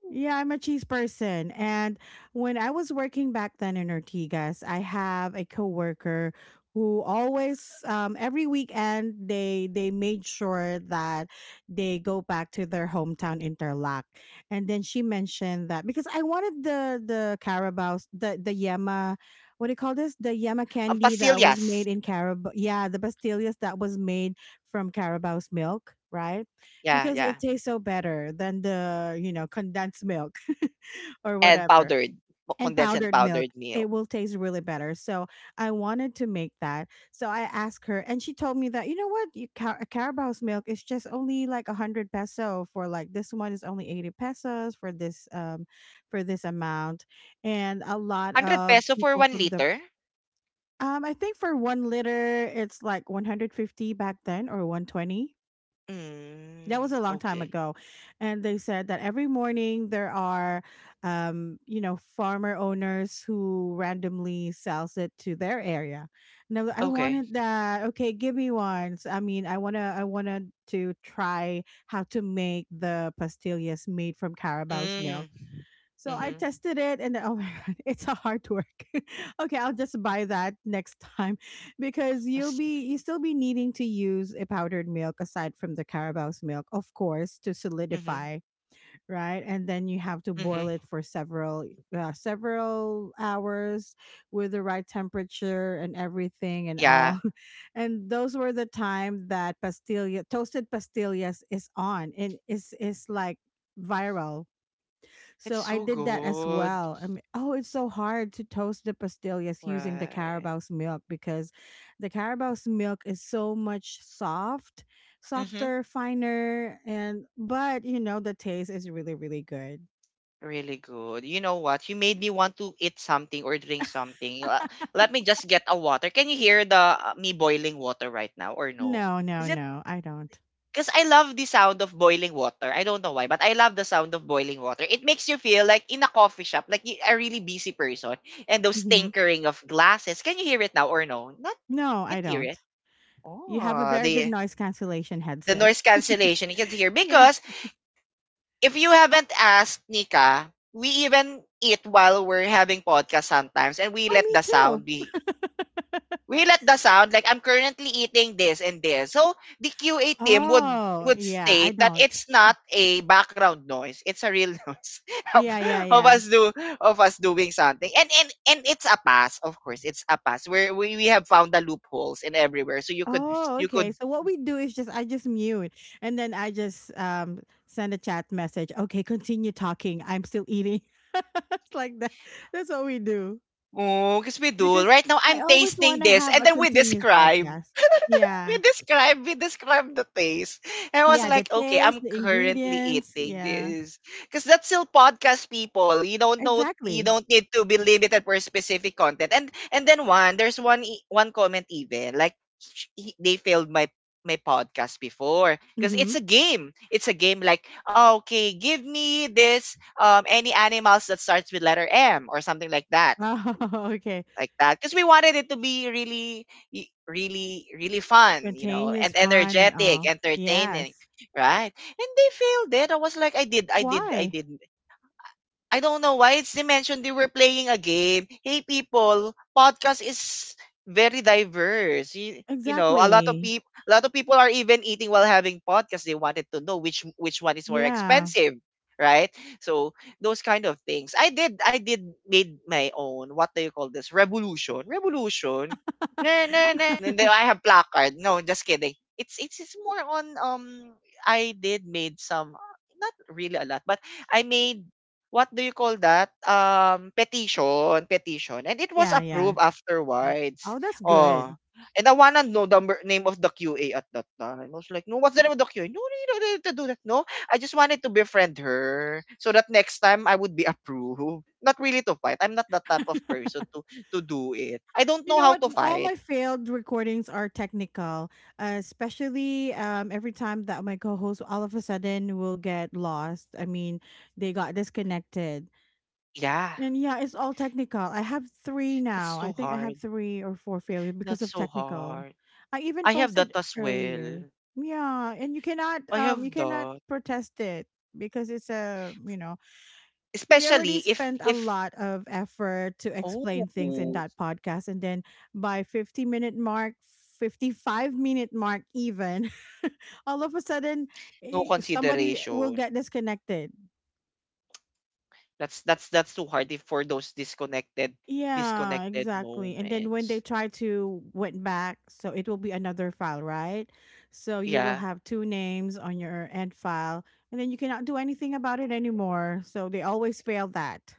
Speaker 2: Yeah, I'm a cheese person. And when I was working back then in Ortigas, I have a coworker who always um, every weekend they they made sure that they go back to their hometown Interlac. And then she mentioned that because I wanted the the Carabao the the Yema, what do you call this? The Yema
Speaker 1: Ang
Speaker 2: candy that was
Speaker 1: pastillas.
Speaker 2: made in Carabao. Yeah, the pastillas that was made from Carabao's milk, right?
Speaker 1: Yeah,
Speaker 2: Because
Speaker 1: yeah.
Speaker 2: it tastes so better than the you know condensed milk or
Speaker 1: And
Speaker 2: whatever
Speaker 1: powdered
Speaker 2: and
Speaker 1: condensed and
Speaker 2: powdered milk.
Speaker 1: powdered milk.
Speaker 2: It will taste really better. So I wanted to make that, so I asked her and she told me that, you know what you, Ca- carabao's milk is just only like one hundred peso for like this one is only eighty pesos for this um for this amount. And a lot
Speaker 1: one hundred
Speaker 2: of
Speaker 1: peso for
Speaker 2: people
Speaker 1: one
Speaker 2: from the
Speaker 1: liter?
Speaker 2: um, I think for one liter it's like one hundred fifty back then or one twenty. That was
Speaker 1: Mm,
Speaker 2: a long time
Speaker 1: okay.
Speaker 2: ago. And they said that every morning there are um you know farmer owners who randomly sells it to their area. And I, w- I
Speaker 1: Okay.
Speaker 2: wanted that, okay, give me one. So, I mean, i want to I wanted to try how to make the pastillas made from Carabao's milk.
Speaker 1: Mm.
Speaker 2: So I
Speaker 1: Mm-hmm.
Speaker 2: tested it and oh my god, it's a hard work. Okay, I'll just buy that next time, because
Speaker 1: Let's
Speaker 2: you'll
Speaker 1: see.
Speaker 2: be you still be needing to use a powdered milk aside from the Carabao's milk, of course, to
Speaker 1: Mm-hmm.
Speaker 2: solidify, right? And then you have to boil
Speaker 1: Mm-hmm.
Speaker 2: it for several uh, several hours with the right temperature and everything and
Speaker 1: Yeah.
Speaker 2: all. And those were the time that pastilla toasted pastillas is on and is is like viral.
Speaker 1: It's
Speaker 2: So I
Speaker 1: so
Speaker 2: did that as
Speaker 1: good.
Speaker 2: well. I mean, oh, it's so hard to toast the pastillas using the
Speaker 1: Right.
Speaker 2: Carabao's milk because the Carabao's milk is so much soft,
Speaker 1: Mm-hmm.
Speaker 2: softer, finer, and but you know the taste is really really good.
Speaker 1: Really good. You know what? You made me want to eat something or drink something. Uh, Let me just get a water. Can you hear the uh, me boiling water right now or no?
Speaker 2: No, no,
Speaker 1: Is it
Speaker 2: no, I don't.
Speaker 1: Because I love the sound of boiling water. I don't know why, but I love the sound of boiling water. It makes you feel like in a coffee shop, like y- a really busy person, and those
Speaker 2: hmm
Speaker 1: tinkering of glasses. Can you hear it now or no? Not
Speaker 2: No,
Speaker 1: Can't
Speaker 2: I
Speaker 1: hear
Speaker 2: don't.
Speaker 1: it.
Speaker 2: You have a
Speaker 1: Oh,
Speaker 2: very good
Speaker 1: the
Speaker 2: noise cancellation
Speaker 1: the
Speaker 2: headset.
Speaker 1: noise cancellation you can hear
Speaker 2: Yeah.
Speaker 1: because if you haven't asked Nika, we even eat while we're having podcast sometimes, and we
Speaker 2: Oh,
Speaker 1: let
Speaker 2: me
Speaker 1: the sound
Speaker 2: too.
Speaker 1: be we let the sound like I'm currently eating this and this. So the Q A team would
Speaker 2: Oh,
Speaker 1: would
Speaker 2: yeah, I
Speaker 1: state that
Speaker 2: don't.
Speaker 1: it's not a background noise. It's a real noise of,
Speaker 2: Yeah, yeah,
Speaker 1: of
Speaker 2: yeah.
Speaker 1: us do of us doing something. And and and it's a pass, of course. It's a pass. Where we, we have found the loopholes and everywhere. So you could
Speaker 2: Oh,
Speaker 1: you
Speaker 2: okay.
Speaker 1: could
Speaker 2: So what we do is just I just mute and then I just um send a chat message. Okay, continue talking. I'm still eating. It's like that. That's what we do.
Speaker 1: oh, because we do.
Speaker 2: Because
Speaker 1: Right now
Speaker 2: I
Speaker 1: I'm
Speaker 2: always want
Speaker 1: tasting
Speaker 2: to
Speaker 1: this
Speaker 2: have
Speaker 1: and
Speaker 2: a
Speaker 1: then we
Speaker 2: continuous
Speaker 1: describe
Speaker 2: podcast.
Speaker 1: we
Speaker 2: Yeah.
Speaker 1: describe we describe the taste. And I was
Speaker 2: Yeah, the
Speaker 1: like, okay,
Speaker 2: taste,
Speaker 1: I'm
Speaker 2: the
Speaker 1: currently
Speaker 2: ingredients.
Speaker 1: eating
Speaker 2: Yeah.
Speaker 1: this. Because that's still podcast people. You don't know you
Speaker 2: Exactly.
Speaker 1: don't need to be limited for specific content. And and then one, there's one e- one comment even like sh- he, they failed my my podcast before because it's
Speaker 2: Mhm.
Speaker 1: a game it's a game like, okay, give me this um any animals that starts with letter M or something like that
Speaker 2: Oh, okay.
Speaker 1: like that because we wanted it to be really y- really really fun, you know,
Speaker 2: Spontaneous
Speaker 1: and
Speaker 2: fun and
Speaker 1: energetic,
Speaker 2: all.
Speaker 1: entertaining,
Speaker 2: Yes.
Speaker 1: right? And they failed it. I was like, i did I did I
Speaker 2: Why?
Speaker 1: did. I don't know why it's they mentioned they were playing a game. Hey people, podcast is very diverse. You, you know, a lot of
Speaker 2: Exactly.
Speaker 1: people a lot of people are even eating while having podcasts. They wanted to know which which one is more
Speaker 2: Yeah.
Speaker 1: expensive, right? So those kind of things. I did I did made my own, what do you call this? Revolution. Revolution. No, no, no. And then I have placard. No, just kidding. It's it's it's more on, um, I did made some, not really a lot, but I made, what do you call that? Um, petition, petition. And it was
Speaker 2: Yeah, yeah.
Speaker 1: approved
Speaker 2: You-
Speaker 1: afterwards.
Speaker 2: Oh, that's
Speaker 1: Oh.
Speaker 2: good.
Speaker 1: And I wanna know the mer- name of the Q A at that time. I was like, no, what's the name of the Q A? No, no, you don't need to do that. No, I just wanted to befriend her so that next time I would be approved. Not really to fight. I'm not that type of person to to do it. I don't
Speaker 2: You
Speaker 1: know
Speaker 2: know
Speaker 1: how
Speaker 2: what?
Speaker 1: to
Speaker 2: All
Speaker 1: fight.
Speaker 2: my failed recordings are technical, uh, especially um, every time that my co host all of a sudden will get lost. I mean, they got disconnected.
Speaker 1: Yeah,
Speaker 2: And yeah, it's all technical. I have three
Speaker 1: that's
Speaker 2: now. I
Speaker 1: so
Speaker 2: think I have
Speaker 1: hard.
Speaker 2: three or four failure because
Speaker 1: That's
Speaker 2: of
Speaker 1: so
Speaker 2: technical.
Speaker 1: hard.
Speaker 2: I even
Speaker 1: I have that
Speaker 2: posted
Speaker 1: as
Speaker 2: earlier.
Speaker 1: well.
Speaker 2: Yeah, and you cannot
Speaker 1: I
Speaker 2: um you
Speaker 1: have
Speaker 2: cannot
Speaker 1: that
Speaker 2: protest it because it's a you know we
Speaker 1: especially
Speaker 2: already
Speaker 1: if
Speaker 2: spent a
Speaker 1: if,
Speaker 2: lot of effort to explain things in
Speaker 1: oh,
Speaker 2: that podcast and then by fifty minute mark, fifty-five minute mark even, all of a sudden,
Speaker 1: no
Speaker 2: eh, somebody will
Speaker 1: consideration.
Speaker 2: get disconnected.
Speaker 1: That's that's that's too hard if for those disconnected
Speaker 2: Yeah,
Speaker 1: disconnected
Speaker 2: exactly, and then when they
Speaker 1: moments.
Speaker 2: try to went back, so it will be another file, right? So you will
Speaker 1: Yeah.
Speaker 2: have two names on your end file, and then you cannot do anything about it anymore, so they always fail that.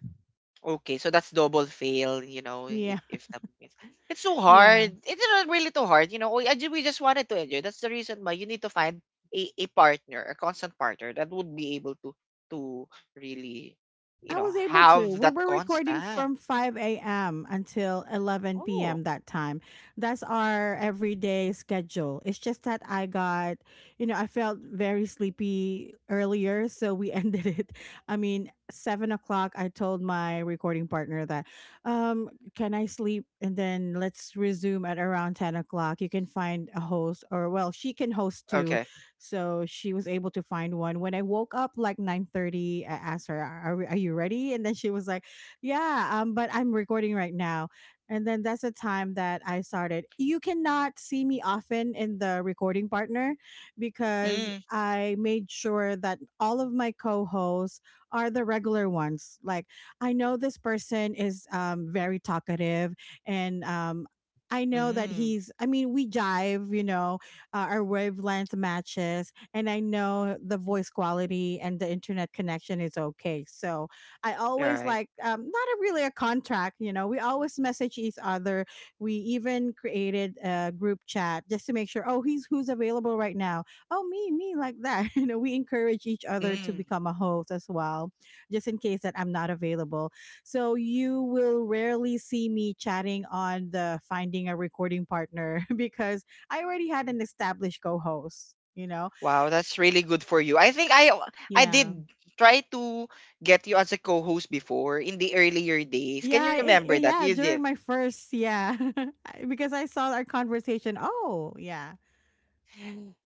Speaker 1: Okay, so that's double fail, you know, if,
Speaker 2: Yeah.
Speaker 1: if that means it's so
Speaker 2: Yeah.
Speaker 1: hard. It's not really too hard, you know. We, I ju- we just wanted to enjoy. That's the reason why you need to find a, a partner, a constant partner that would be able to to really, you
Speaker 2: I
Speaker 1: know,
Speaker 2: was able to.
Speaker 1: have
Speaker 2: We
Speaker 1: that
Speaker 2: were recording
Speaker 1: constant.
Speaker 2: from five a m until 11
Speaker 1: Oh,
Speaker 2: p.m. that time. That's our everyday schedule. It's just that I got, you know, I felt very sleepy earlier, so we ended it. I mean, seven o'clock, I told my recording partner that, um, can I sleep? And then let's resume at around ten o'clock. You can find a host, or well, she can host too.
Speaker 1: okay.
Speaker 2: So she was able to find one. When I woke up like nine thirty, I asked her, are, we- "Are you ready?" And then she was like, "Yeah, um but I'm recording right now." And then that's the time that I started. You cannot see me often in the recording partner because
Speaker 1: Mm,
Speaker 2: I made sure that all of my co-hosts are the regular ones. Like I know this person is um, very talkative and um, I know that
Speaker 1: mm,
Speaker 2: he's, I mean, we jive, you know, uh, our wavelength matches, and I know the voice quality and the internet connection is okay. So I always
Speaker 1: right.
Speaker 2: like um, not a, really a contract. You know, we always message each other. We even created a group chat just to make sure. Oh, he's who's available right now. Oh, me, me, like that. You know, we encourage each other to
Speaker 1: Mm.
Speaker 2: become a host as well, just in case that I'm not available. So you will rarely see me chatting on the finding a recording partner because I already had an established co-host, you know?
Speaker 1: Wow, that's really good for you. I think I I
Speaker 2: Yeah.
Speaker 1: did try to get you as a co-host before in the earlier days. Can you
Speaker 2: Yeah, and
Speaker 1: remember
Speaker 2: and
Speaker 1: that?
Speaker 2: yeah,
Speaker 1: You
Speaker 2: during
Speaker 1: did.
Speaker 2: my first, yeah. I- because I saw our conversation. Oh, yeah.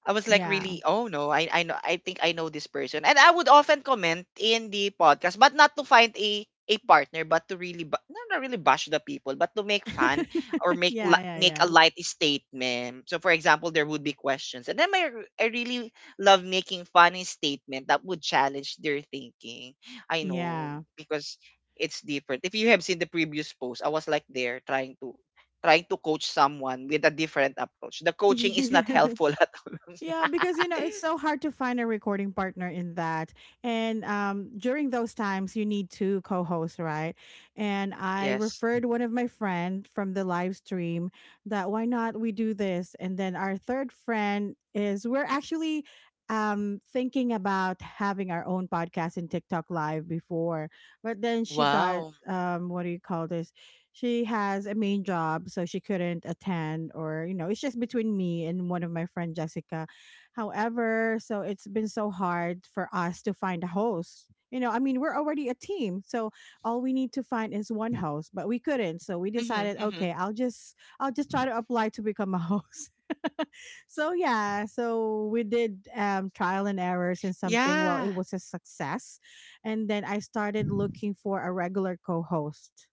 Speaker 1: I was like,
Speaker 2: Yeah.
Speaker 1: really? Oh no, I I know I think I know this person. And I would often comment in the podcast, but not to find a a partner, but to really ba- not not really bash the people, but to make fun or make li-
Speaker 2: Yeah,
Speaker 1: make a
Speaker 2: yeah,
Speaker 1: light statement. So, for example, there would be questions, and then I r- I really love making funny statement that would challenge their thinking. I know
Speaker 2: yeah.
Speaker 1: because it's different. If you have seen the previous post, I was like there trying to trying to coach someone with a different approach. The coaching is
Speaker 2: Yeah.
Speaker 1: not helpful.
Speaker 2: Yeah, because you know it's so hard to find a recording partner in that. And um, during those times, you need two co-hosts, right? And I
Speaker 1: Yes.
Speaker 2: referred one of my friend from the live stream that why not we do this? And then our third friend is we're actually um thinking about having our own podcast in TikTok live before, but then she got
Speaker 1: Wow.
Speaker 2: um what do you call this? She has a main job so she couldn't attend, or you know it's just between me and one of my friend Jessica. However, so it's been so hard for us to find a host. You know, I mean, we're already a team, so all we need to find is one host, but we couldn't. So we
Speaker 1: Mhm,
Speaker 2: decided,
Speaker 1: mhm.
Speaker 2: okay, I'll just I'll just try to apply to become a host. So yeah, so we did um, trial and errors and something. Well,
Speaker 1: Yeah.
Speaker 2: it was a success, and then I started looking for a regular co-host.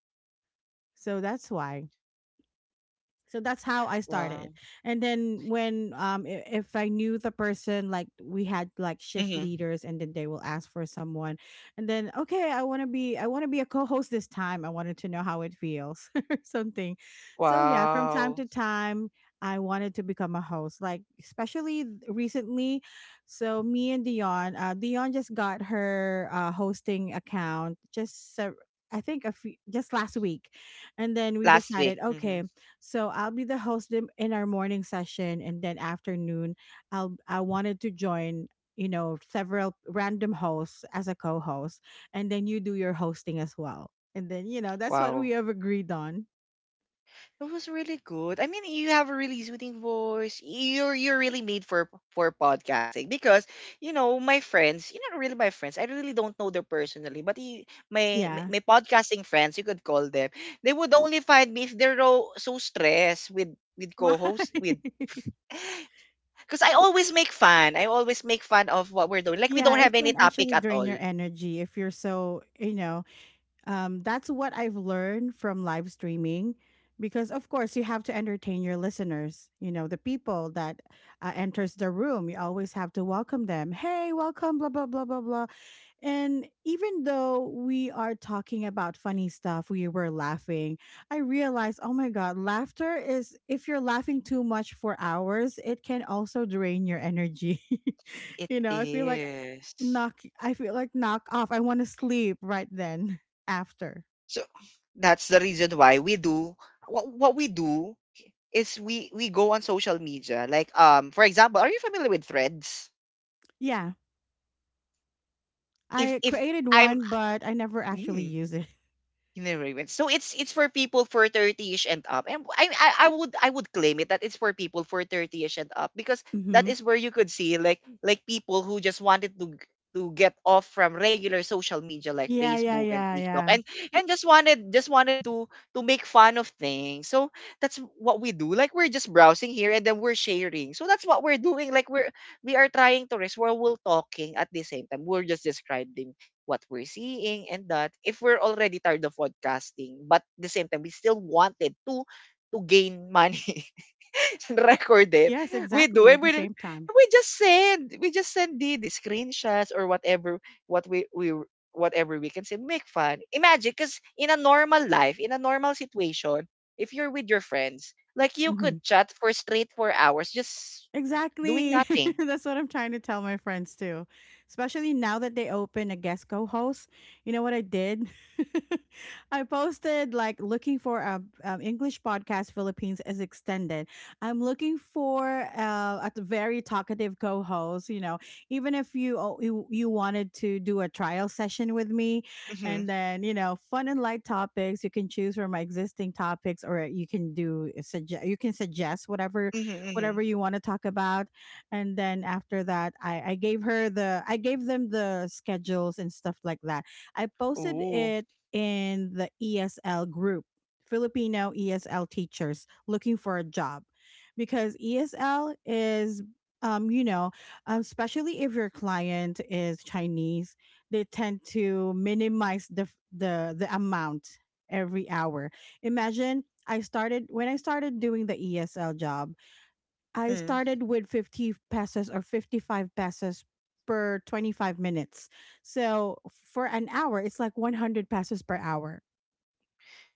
Speaker 2: So that's why, so that's how I started.
Speaker 1: Wow.
Speaker 2: And then when um i- if I knew the person, like we had like shift
Speaker 1: Mhm.
Speaker 2: leaders and then they will ask for someone, and then okay, I want to be I want to be a co-host this time. I wanted to know how it feels or something. So yeah, from time
Speaker 1: Wow.
Speaker 2: to time I wanted to become a host like especially th- recently. So me and Dion, uh Dion just got her uh hosting account just uh, I think a few, just last week, and then we
Speaker 1: Last
Speaker 2: decided
Speaker 1: week.
Speaker 2: okay,
Speaker 1: Mhm.
Speaker 2: so I'll be the host in in our morning session, and then afternoon, I'll I wanted to join, you know, several random hosts as a co-host, and then you do your hosting as well, and then you know that's what we
Speaker 1: Wow.
Speaker 2: have agreed on.
Speaker 1: It was really good. I mean, you have a really soothing voice. You're you're really made for for podcasting because, you know, my friends, you are not really my friends. I really don't know them personally, but you, my
Speaker 2: Yeah.
Speaker 1: my podcasting friends, you could call them. They would only find me if they're so so stressed with with
Speaker 2: Why?
Speaker 1: co-hosts with. Because I always make fun. I always make fun of what we're doing. Like, we
Speaker 2: Yeah,
Speaker 1: don't
Speaker 2: it
Speaker 1: have any
Speaker 2: can
Speaker 1: topic
Speaker 2: actually
Speaker 1: at
Speaker 2: drain
Speaker 1: all.
Speaker 2: your energy if you're so you know. Um, that's what I've learned from live streaming because of course you have to entertain your listeners, you know, the people that uh, enters the room, you always have to welcome them, hey welcome blah blah blah blah blah. And even though we are talking about funny stuff, we were laughing. I realized, oh my god, laughter is, if you're laughing too much for hours, it can also drain your energy.
Speaker 1: It
Speaker 2: You know, I feel like
Speaker 1: is.
Speaker 2: knock I feel like knock off. I want to sleep right then after.
Speaker 1: So that's the reason why we do what, what we do is we we go on social media. Like, um, for example, are you familiar with Threads?
Speaker 2: Yeah.
Speaker 1: If
Speaker 2: I
Speaker 1: if
Speaker 2: created
Speaker 1: I'm
Speaker 2: one but I never actually use it.
Speaker 1: in a Ravens. So it's it's for people for thirtyish and up. And I, I I would I would claim it that it's for people for thirtyish and up because that
Speaker 2: Mhm.
Speaker 1: is where you could see like like people who just wanted to g- to get off from regular social media like
Speaker 2: Yeah, yeah,
Speaker 1: Facebook and
Speaker 2: yeah,
Speaker 1: TikTok
Speaker 2: yeah.
Speaker 1: and and just wanted, just wanted to to make fun of things. So that's what we do. Like, we're just browsing here and then we're sharing. So that's what we're doing. Like, we're we are trying to rest while we're talking at the same time. We're just describing what we're seeing, and that if we're already tired of podcasting but at the same time we still wanted to to gain money and record it
Speaker 2: Yes,
Speaker 1: we do
Speaker 2: exactly at
Speaker 1: and
Speaker 2: the
Speaker 1: we
Speaker 2: same time.
Speaker 1: we just send we just send the, the screenshots or whatever what we we whatever we can say, make fun, imagine, because in a normal life, in a normal situation, if you're with your friends, like, you could
Speaker 2: Mhm.
Speaker 1: chat for straight four hours just doing
Speaker 2: Exactly.
Speaker 1: nothing.
Speaker 2: That's what I'm trying to tell my friends too. Especially now that they open a guest co-host. You know what I did? I posted like looking for a um, English podcast Philippines as extended. I'm looking for uh, a very talkative co-host, you know, even if you, oh, you you wanted to do a trial session with me,
Speaker 1: Mm-hmm.
Speaker 2: and then, you know, fun and light topics, you can choose from my existing topics or you can do sugge- you can suggest whatever,
Speaker 1: Mm-hmm, mm-hmm.
Speaker 2: whatever you want to talk about. And then after that, I, I gave her the, I gave them the schedules and stuff like that. I posted
Speaker 1: Ooh.
Speaker 2: it in the E S L group, Filipino E S L teachers looking for a job, because E S L is, um, you know, um, especially if your client is Chinese, they tend to minimize the f- the the amount every hour. Imagine I started when I started doing the E S L job. I
Speaker 1: Mm.
Speaker 2: started with fifty pesos or fifty-five pesos per twenty-five minutes. So for an hour, it's like one hundred pesos per hour,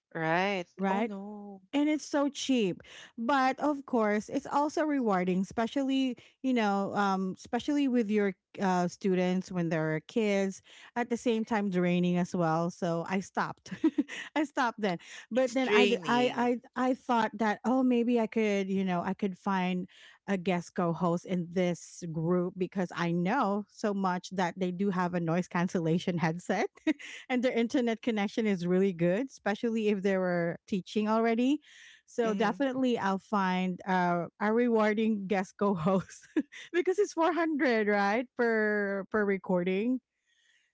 Speaker 1: Right. Oh
Speaker 2: right?
Speaker 1: no.
Speaker 2: And it's so cheap, but of course it's also rewarding, especially you know um especially with your uh students when they're kids, at the same time draining as well. So I stopped. I stopped then,
Speaker 1: It's
Speaker 2: but then I, d-
Speaker 1: draining.
Speaker 2: I i i thought that, oh, maybe i could you know I could find a guest co-host in this group because I know so much that they do have a noise cancellation headset and their internet connection is really good, especially if they were teaching already. So
Speaker 1: Mhm.
Speaker 2: definitely I'll find uh, a rewarding guest co-host because it's four hundred, right, per per recording.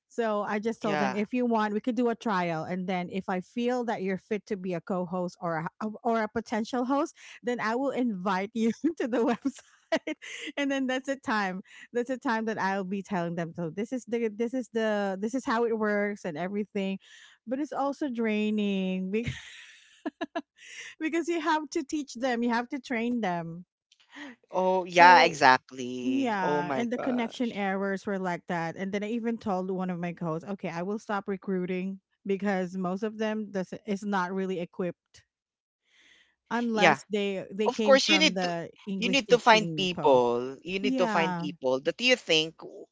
Speaker 2: So I just told them,
Speaker 1: Yeah.
Speaker 2: if you want, we could do a trial, and then if I feel that you're fit to be a co-host or a, uh, or a potential host, then I will invite you to the website, and then that's the time. That's the time that I'll be telling them. So this is the this is the this is how it works and everything, but it's also draining because you have to teach them, you have to train them.
Speaker 1: Oh, yeah,
Speaker 2: So
Speaker 1: exactly. Oh
Speaker 2: yeah,
Speaker 1: my
Speaker 2: and the connection
Speaker 1: gosh.
Speaker 2: errors were like that. And then I even told one of my coaches, okay, I will stop recruiting because most of them does is not really equipped
Speaker 1: Yeah.
Speaker 2: unless they they
Speaker 1: Of
Speaker 2: came
Speaker 1: course you
Speaker 2: from
Speaker 1: need to
Speaker 2: the
Speaker 1: you
Speaker 2: English
Speaker 1: need to find
Speaker 2: teaching post.
Speaker 1: people. You need to find
Speaker 2: Yeah,
Speaker 1: people that you think w-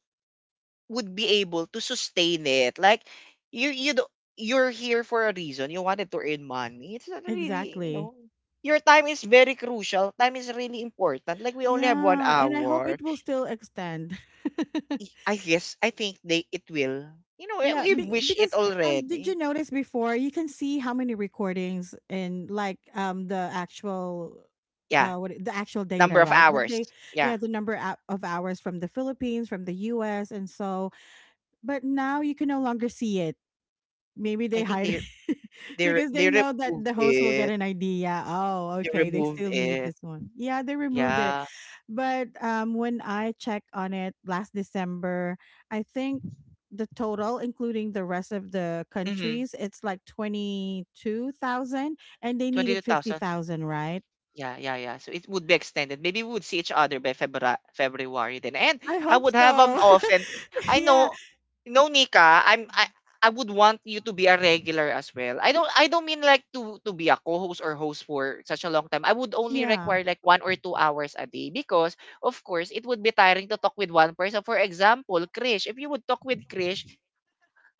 Speaker 1: would be able to sustain it. Like, you you do, you're here for a reason. You wanted to earn money. It's not really, you
Speaker 2: exactly.
Speaker 1: know, your time is very crucial. Time is really important. Like, we only have one
Speaker 2: Yeah, and I hope
Speaker 1: hour.
Speaker 2: it will still extend.
Speaker 1: I I guess I think they it will. You know, we
Speaker 2: Yeah,
Speaker 1: we
Speaker 2: be-
Speaker 1: wish it
Speaker 2: because um, did you
Speaker 1: already.
Speaker 2: notice before you can see how many recordings and like um the actual
Speaker 1: Yeah.
Speaker 2: uh what it- the actual data,
Speaker 1: Number of
Speaker 2: right? But
Speaker 1: hours.
Speaker 2: they,
Speaker 1: Yeah,
Speaker 2: yeah, the number ou- of hours from the Philippines, from the U S and so, but now you can no longer see it. Maybe they
Speaker 1: I think
Speaker 2: hide
Speaker 1: they
Speaker 2: it
Speaker 1: they re-
Speaker 2: because
Speaker 1: they
Speaker 2: they know that
Speaker 1: remove
Speaker 2: the host will get
Speaker 1: it.
Speaker 2: an idea. Oh,
Speaker 1: They
Speaker 2: okay, they
Speaker 1: remove
Speaker 2: still need
Speaker 1: it.
Speaker 2: this one. Yeah, they removed it.
Speaker 1: Yeah.
Speaker 2: But um, when I checked on it last December, I think the total, including the rest of the
Speaker 1: Mm-hmm.
Speaker 2: countries, it's like twenty-two thousand, and they
Speaker 1: Twenty two
Speaker 2: needed
Speaker 1: thousand.
Speaker 2: fifty thousand, right?
Speaker 1: Yeah, yeah, yeah. So it would be extended. Maybe we would see each other by February, February then. And
Speaker 2: I
Speaker 1: I
Speaker 2: hope
Speaker 1: would have an
Speaker 2: so.
Speaker 1: often. I
Speaker 2: Yeah.
Speaker 1: know, no, Nika. I'm. I, I would want you to be a regular as well. I don't. I don't mean like to to be a co-host or host for such a long time. I would only
Speaker 2: Yeah.
Speaker 1: require like one or two hours a day because, of course, it would be tiring to talk with one person. For example, Krish. If you would talk with Krish,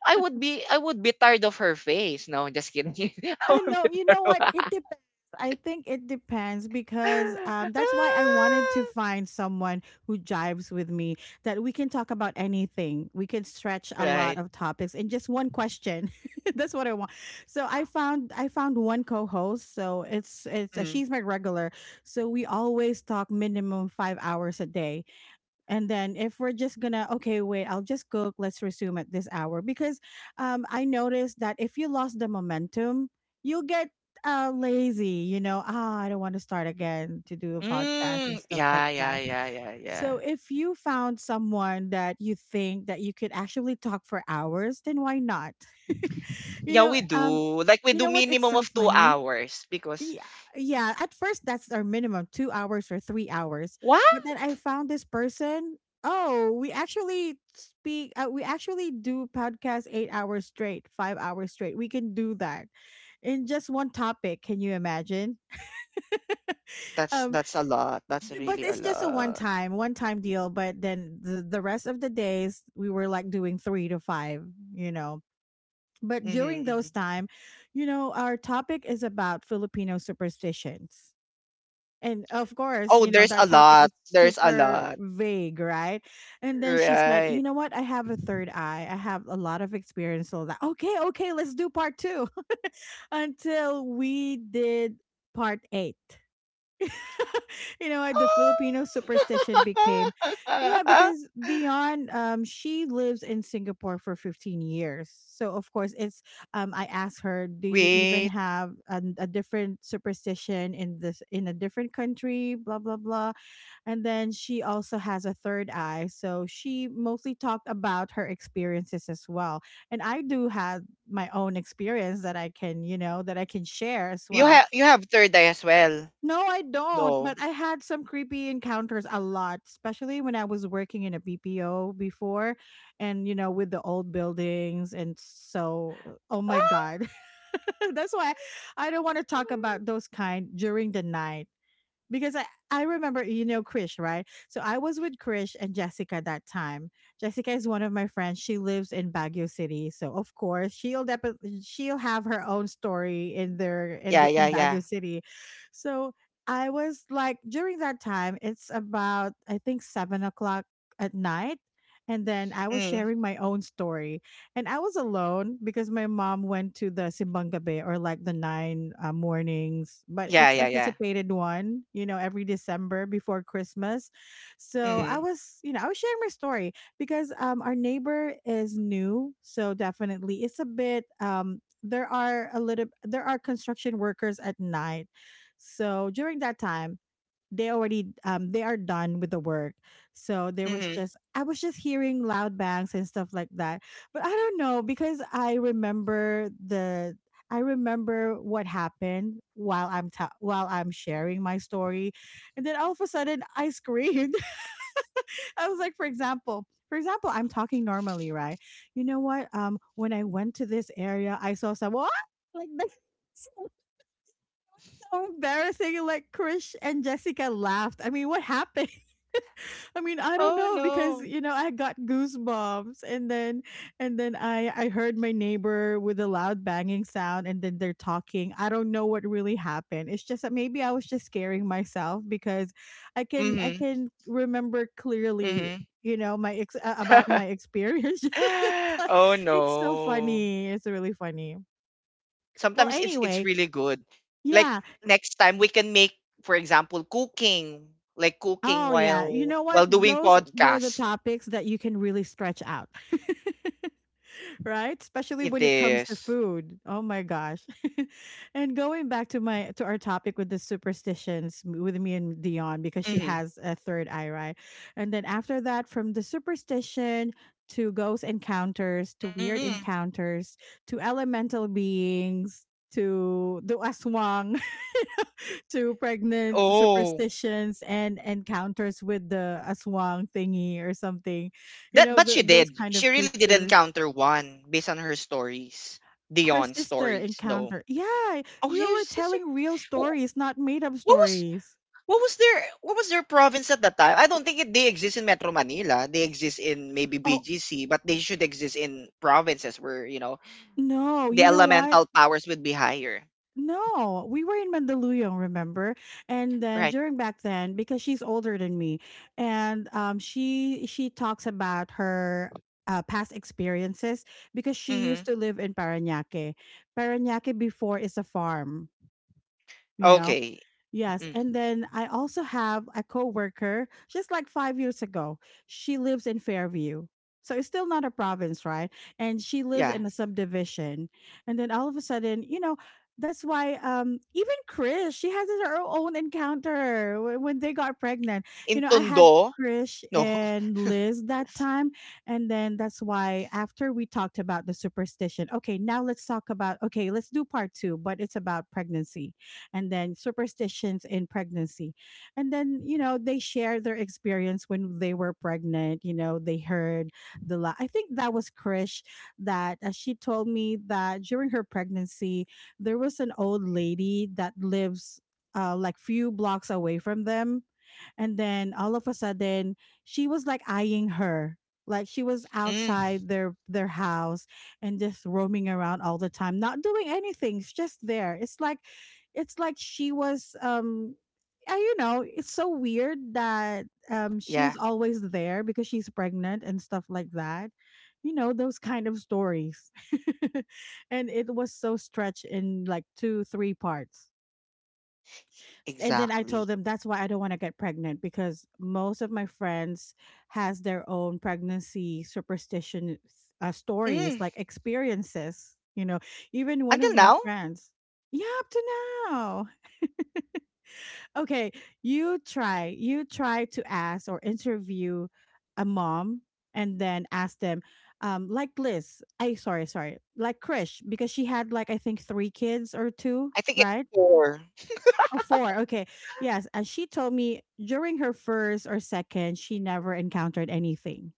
Speaker 1: I would be. I would be tired of her face. No, just kidding. I
Speaker 2: I
Speaker 1: would
Speaker 2: know.
Speaker 1: be
Speaker 2: You know
Speaker 1: tired
Speaker 2: what? It
Speaker 1: of-
Speaker 2: depends. I think it depends because um, that's why I wanted to find someone who jives with me, that we can talk about anything. We can stretch a lot
Speaker 1: Right.
Speaker 2: of topics in just one question. That's what I want. So I found I found one co-host. So it's it's
Speaker 1: Mm.
Speaker 2: she's my regular. So we always talk minimum five hours a day, and then if we're just gonna, okay, wait, I'll just cook, let's resume at this hour because um I noticed that if you lost the momentum, you get uh lazy. You know, ah I don't want to start again to do a podcast and
Speaker 1: Mm,
Speaker 2: stuff like
Speaker 1: yeah, yeah,
Speaker 2: that.
Speaker 1: yeah, yeah,
Speaker 2: So
Speaker 1: yeah.
Speaker 2: if you found someone that you think that you could actually talk for hours, then why not? you
Speaker 1: Yeah,
Speaker 2: know
Speaker 1: we
Speaker 2: um
Speaker 1: do. Like, we
Speaker 2: you
Speaker 1: do
Speaker 2: know what, it's
Speaker 1: minimum
Speaker 2: so
Speaker 1: of two
Speaker 2: funny.
Speaker 1: hours because,
Speaker 2: Yeah, yeah. At first, that's our minimum two hours or three hours.
Speaker 1: what?
Speaker 2: But then I found this person. Oh, we actually speak. Uh, we actually do podcast eight hours straight, five hours straight. We can do that in just one topic. Can you imagine?
Speaker 1: That's
Speaker 2: Um,
Speaker 1: that's a lot. That's
Speaker 2: but
Speaker 1: really a
Speaker 2: it's just a one
Speaker 1: lot.
Speaker 2: time, one time deal. But then the the rest of the days, we were like doing three to five. You know. But
Speaker 1: Hmm,
Speaker 2: during those
Speaker 1: hmm.
Speaker 2: time, you know, our topic is about Filipino superstitions. And of course,
Speaker 1: Oh,
Speaker 2: you know,
Speaker 1: there's a
Speaker 2: that topic
Speaker 1: lot.
Speaker 2: is
Speaker 1: There's a
Speaker 2: super
Speaker 1: lot.
Speaker 2: vague, right? And then she said,
Speaker 1: Right.
Speaker 2: you know what, I have a third eye. I have a lot of experience. So that, okay, okay, let's do part two until we did part eight. You know what the Filipino superstition became. Yeah,
Speaker 1: Ah!
Speaker 2: because Dion, um, she lives in Singapore for fifteen years. So of course it's um I asked her, do you even
Speaker 1: Wait.
Speaker 2: have an, a different superstition in this in a different country, blah blah blah. And then she also has a third eye. So she mostly talked about her experiences as well. And I do have my own experience that I can, you know, that I can share as
Speaker 1: You
Speaker 2: well.
Speaker 1: have you have third eye as well.
Speaker 2: No, I don't,
Speaker 1: No.
Speaker 2: but I had some creepy encounters a lot, especially when I was working in a B P O before, and you know with the old buildings and so uh, oh my god. That's why I don't want to talk about those kind during the night, because I, I remember, you know Krish, right? So I was with Krish and Jessica that time. Jessica is one of my friends. She lives in Baguio City, so of course she'll definitely she'll have her own story in their in
Speaker 1: Yeah,
Speaker 2: their
Speaker 1: yeah,
Speaker 2: in
Speaker 1: yeah.
Speaker 2: Baguio City. So I was like, during that time, it's about, I think, seven o'clock at night, and then I was
Speaker 1: Mm.
Speaker 2: sharing my own story. And I was alone because my mom went to the Simbang Gabi, or like the nine uh, mornings, but
Speaker 1: Yeah,
Speaker 2: it's
Speaker 1: yeah, yeah.
Speaker 2: anticipated one, you know, every December before Christmas. So I
Speaker 1: Mm-hmm.
Speaker 2: was, you know, I was sharing my story because um, our neighbor is new, so definitely it's a bit. Um, there are a little, there are construction workers at night, so during that time they already um they are done with the work. So there was
Speaker 1: Mm-hmm.
Speaker 2: just I was just hearing loud bangs and stuff like that. But I don't know, because i remember the I remember what happened while i'm ta- while I'm sharing my story, and then all of a sudden I screamed. I was like, for example for example, I'm talking normally, right? You know what um when I went to this area, I saw someone like this. So embarrassing. Like Krish and Jessica laughed. I mean, what happened? I mean, I don't
Speaker 1: Oh
Speaker 2: know, because
Speaker 1: no.
Speaker 2: you know, I got goosebumps, and then and then I I heard my neighbor with a loud banging sound, and then they're talking. I don't know what really happened. It's just that maybe I was just scaring myself because I can I
Speaker 1: Mm-hmm.
Speaker 2: can remember clearly,
Speaker 1: Mm-hmm.
Speaker 2: you know, my ex uh, about my experience.
Speaker 1: Oh
Speaker 2: It's so
Speaker 1: no.
Speaker 2: funny. It's really funny. Well,
Speaker 1: Sometimes it's it's
Speaker 2: anyway,
Speaker 1: really good. Like,
Speaker 2: yeah.
Speaker 1: next time we can make, for example, cooking, like cooking
Speaker 2: Oh, yeah. You
Speaker 1: while
Speaker 2: know what?
Speaker 1: while doing
Speaker 2: Those were the
Speaker 1: podcast.
Speaker 2: topics that you can really stretch out. Right? Especially
Speaker 1: It
Speaker 2: when it comes to
Speaker 1: is.
Speaker 2: food. Oh my gosh. And going back to my to our topic with the superstitions, m- with me and Dion, because she
Speaker 1: Hmm.
Speaker 2: has a third eye, right? And then after that, from the superstition to ghost encounters to weird
Speaker 1: Mm.
Speaker 2: encounters to elemental beings to the aswang to pregnant
Speaker 1: Oh.
Speaker 2: superstitions and encounters with the aswang thingy or something. You
Speaker 1: That
Speaker 2: know,
Speaker 1: but
Speaker 2: the,
Speaker 1: she
Speaker 2: those
Speaker 1: did.
Speaker 2: kind of
Speaker 1: She really did
Speaker 2: creatures.
Speaker 1: encounter one based on her stories.
Speaker 2: Her
Speaker 1: Dion's
Speaker 2: sister
Speaker 1: stories. No.
Speaker 2: encounter. Yeah,
Speaker 1: Oh,
Speaker 2: we
Speaker 1: her
Speaker 2: were
Speaker 1: sister.
Speaker 2: telling real
Speaker 1: Wh-
Speaker 2: stories, not made up
Speaker 1: What was
Speaker 2: stories.
Speaker 1: What was their what was their province at that time? I don't think it, they exist in Metro Manila. They exist in maybe
Speaker 2: Oh,
Speaker 1: B G C, but they should exist in provinces where, you know,
Speaker 2: no.
Speaker 1: the
Speaker 2: You know what?
Speaker 1: elemental powers would be higher.
Speaker 2: No, we were in Mandaluyong, remember? And then
Speaker 1: Right.
Speaker 2: during back then, because she's older than me, and um, she she talks about her uh, past experiences because she used
Speaker 1: Mm-hmm.
Speaker 2: to live in Paranaque. Paranaque before is a farm, you know.
Speaker 1: Okay.
Speaker 2: Yes,
Speaker 1: Mm.
Speaker 2: and then I also have a coworker just like five years ago. She lives in Fairview. So it's still not a province, right? And she lives
Speaker 1: Yeah.
Speaker 2: in a subdivision. And then all of a sudden, you know, that's why um even Chris, she has her own encounter, wh- when they got pregnant. You
Speaker 1: In
Speaker 2: know, I had
Speaker 1: Tondo?
Speaker 2: Chris
Speaker 1: No.
Speaker 2: and Liz that time. And then that's why after we talked about the superstition, okay, now let's talk about, okay, let's do part two, but it's about pregnancy and then superstitions in pregnancy. And then, you know, they share their experience when they were pregnant. You know, they heard the, la- I think that was Krish that uh, she told me that during her pregnancy, there was an old lady that lives, uh, like few blocks away from them, and then all of a sudden, she was like eyeing her. Like she was
Speaker 1: Mm.
Speaker 2: outside their their house, and just roaming around all the time, not doing anything. She's just there. It's like it's like she was um I, you know, it's so weird that um
Speaker 1: Yeah,
Speaker 2: she's always there because she's pregnant and stuff like that. You know, those kind of stories. And it was so stretched in like two, three parts, and then I
Speaker 1: exactly.
Speaker 2: told them that's why I don't want to get pregnant because most of my friends has their own pregnancy superstition uh, stories,
Speaker 1: Mm.
Speaker 2: like experiences. You know, even one of
Speaker 1: Until
Speaker 2: my
Speaker 1: now?
Speaker 2: friends. Yeah, up to now. Okay, you try. You try to ask or interview a mom, and then ask them, um, like Liz. I sorry, sorry, like Krish, because she had like I think three kids or two,
Speaker 1: I think it's
Speaker 2: right?
Speaker 1: four.
Speaker 2: Oh, four. Okay. Yes. And she told me during her first or second, she never encountered anything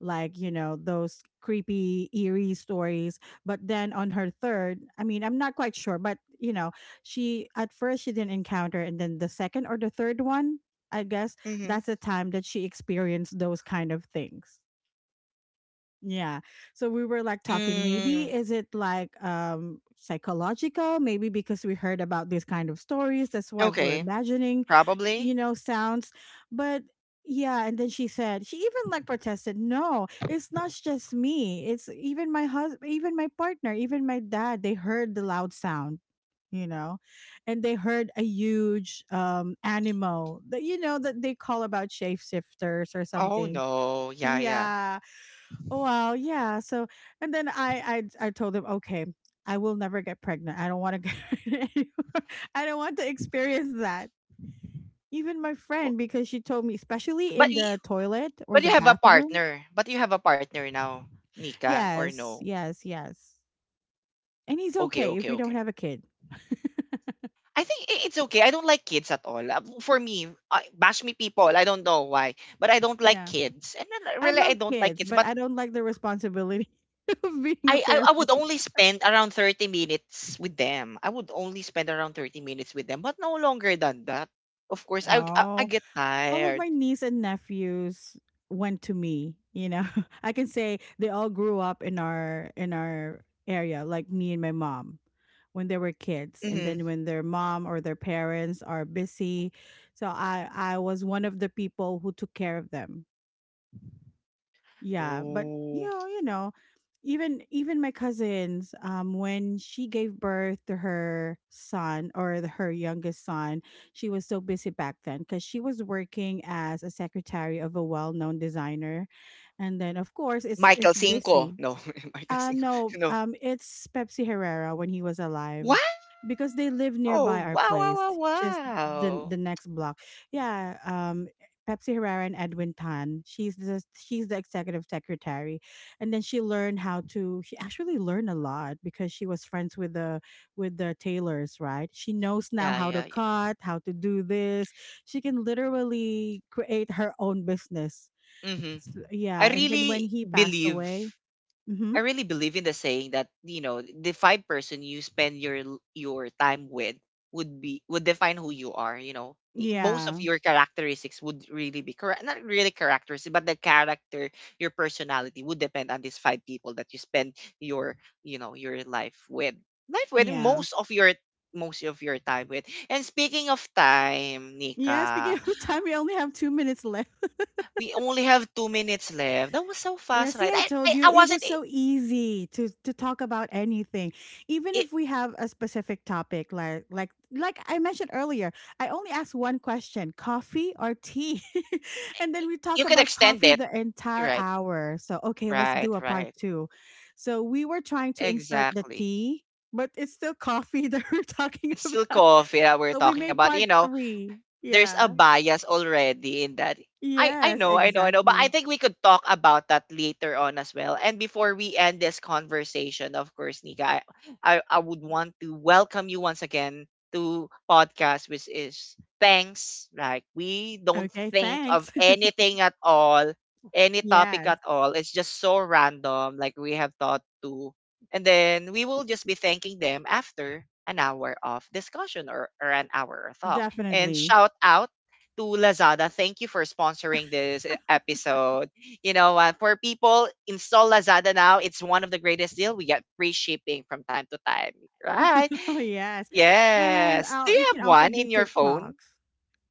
Speaker 2: like, you know, those creepy, eerie stories. But then on her third, I mean, I'm not quite sure, but, you know, she at first she didn't encounter. And then the second or the third one, I guess
Speaker 1: Mm-hmm.
Speaker 2: that's the time that she experienced those kind of things. Yeah. So we were like talking,
Speaker 1: Mm.
Speaker 2: maybe is it like um psychological? Maybe because we heard about these kind of stories. That's why we're
Speaker 1: Okay.
Speaker 2: imagining, you
Speaker 1: Probably.
Speaker 2: know, sounds. But yeah, and then she said, she even like protested, no, it's not just me. It's even my husband, even my partner, even my dad, they heard the loud sound, you know, and they heard a huge um animal that you know that they call about shapeshifters or
Speaker 1: Oh
Speaker 2: something.
Speaker 1: no. Yeah, yeah.
Speaker 2: Yeah. Oh, well, yeah. So, and then I, I, I told him, okay, I will never get pregnant. I don't want to get pregnant anymore. I don't want to experience that. Even my
Speaker 1: Well,
Speaker 2: friend, because she told me, especially
Speaker 1: But
Speaker 2: in
Speaker 1: y-
Speaker 2: the toilet or
Speaker 1: But
Speaker 2: the
Speaker 1: you have a
Speaker 2: bathroom.
Speaker 1: partner. But you have a partner now, Nika, or
Speaker 2: Yes,
Speaker 1: no?
Speaker 2: yes, yes. And he's
Speaker 1: Okay,
Speaker 2: okay if
Speaker 1: okay,
Speaker 2: we don't
Speaker 1: okay.
Speaker 2: have a kid.
Speaker 1: I think i- it's okay. I don't like kids at all. Uh, For me, uh, bash me people. I don't know why, but I don't like
Speaker 2: Yeah,
Speaker 1: kids. And then, uh,
Speaker 2: I
Speaker 1: really, I
Speaker 2: love
Speaker 1: don't like
Speaker 2: kids,
Speaker 1: kids.
Speaker 2: but
Speaker 1: But
Speaker 2: I don't like the responsibility of being a
Speaker 1: I, I,
Speaker 2: parent.
Speaker 1: I would only spend around thirty minutes with them. I would only spend around thirty minutes with them, but no longer than that. Of course, I, I, I
Speaker 2: Oh.
Speaker 1: get
Speaker 2: All of
Speaker 1: tired.
Speaker 2: my niece and nephews went to me you know I can say they all grew up in our in our area like me and my mom when they were kids, and
Speaker 1: Hmm.
Speaker 2: then when their mom or their parents are busy, so i i was one of the people who took care of them. Yeah, but you
Speaker 1: Ooh.
Speaker 2: know, you know, even even my cousins, um, when she gave birth to her son or the, her youngest son, she was so busy back then because she was working as a secretary of a well-known designer, and then of course it's it's
Speaker 1: Michael Cinco.
Speaker 2: busy.
Speaker 1: No, Michael
Speaker 2: Uh,
Speaker 1: Cinco.
Speaker 2: no,
Speaker 1: No.
Speaker 2: um, it's Pepsi Herrera when he was alive,
Speaker 1: Wow!
Speaker 2: because they live
Speaker 1: Wow!
Speaker 2: nearby our
Speaker 1: Wow!
Speaker 2: place,
Speaker 1: Wow!
Speaker 2: just the
Speaker 1: Wow!
Speaker 2: the next block. Yeah, um, Pepsi Herrera and Edwin Tan. She's the she's the executive secretary, and then she learned how to. She actually learned a lot because she was friends with the with the tailors, right? She knows now
Speaker 1: Yeah,
Speaker 2: how
Speaker 1: yeah,
Speaker 2: to
Speaker 1: yeah.
Speaker 2: cut, how to do this. She can literally create her own business.
Speaker 1: Hmm.
Speaker 2: So,
Speaker 1: I
Speaker 2: yeah, and then
Speaker 1: really
Speaker 2: when he passed
Speaker 1: believe
Speaker 2: away. Mm-hmm.
Speaker 1: I really believe in the saying that, you know, the five person you spend your l- your time with would be would define who you are. You know, Y- most of
Speaker 2: Yeah.
Speaker 1: your characteristics would really be correct, not really characteristics, but the character, your personality would depend on these five people that you spend your you know your life with, life with
Speaker 2: Yeah.
Speaker 1: most of your most of your time with. And speaking of time,
Speaker 2: Yeah, speaking
Speaker 1: Nika,
Speaker 2: of time, we only have two minutes left.
Speaker 1: we only have two minutes left. That was so
Speaker 2: Yeah,
Speaker 1: fast,
Speaker 2: see,
Speaker 1: right?
Speaker 2: I
Speaker 1: I
Speaker 2: told
Speaker 1: I,
Speaker 2: you
Speaker 1: I
Speaker 2: it
Speaker 1: wasn't
Speaker 2: was
Speaker 1: it,
Speaker 2: so easy to to talk about anything, even
Speaker 1: it
Speaker 2: if we have a specific topic. Like like like I mentioned earlier, I only asked one question: coffee or tea, and then we
Speaker 1: you
Speaker 2: talk
Speaker 1: could
Speaker 2: about
Speaker 1: extend
Speaker 2: coffee
Speaker 1: it.
Speaker 2: the entire
Speaker 1: Right.
Speaker 2: hour. So okay, let's do
Speaker 1: Right,
Speaker 2: a part
Speaker 1: right.
Speaker 2: two. So we were trying to insert the
Speaker 1: Exactly.
Speaker 2: tea, but it's still coffee that we're talking
Speaker 1: It's still
Speaker 2: about.
Speaker 1: coffee that we're
Speaker 2: So we
Speaker 1: talking
Speaker 2: made
Speaker 1: about. You
Speaker 2: part
Speaker 1: know,
Speaker 2: three.
Speaker 1: there's a
Speaker 2: Yeah.
Speaker 1: bias already in that. I I
Speaker 2: Yes,
Speaker 1: know, I know, I know, but I
Speaker 2: exactly.
Speaker 1: think we could talk about that later on as well. And before we end this conversation, of course, Nika, I I, I would want to welcome you once again to podcast, which is thanks. Like, we don't
Speaker 2: Okay,
Speaker 1: think of
Speaker 2: thanks.
Speaker 1: anything at all, any topic
Speaker 2: Yes,
Speaker 1: at all. It's just so random, like we have thought to, and then we will just be thanking them after an hour of discussion, or, or an hour of talk. And
Speaker 2: definitely.
Speaker 1: shout out to Lazada. Thank you for sponsoring this e- episode. You know, uh, for people, install Lazada now. It's one of the greatest deal. We get free shipping from time to time, right?
Speaker 2: Oh, yes. And
Speaker 1: Yes. Do
Speaker 2: uh,
Speaker 1: you
Speaker 2: you
Speaker 1: have
Speaker 2: can also
Speaker 1: one
Speaker 2: do
Speaker 1: in your phone?
Speaker 2: TikToks.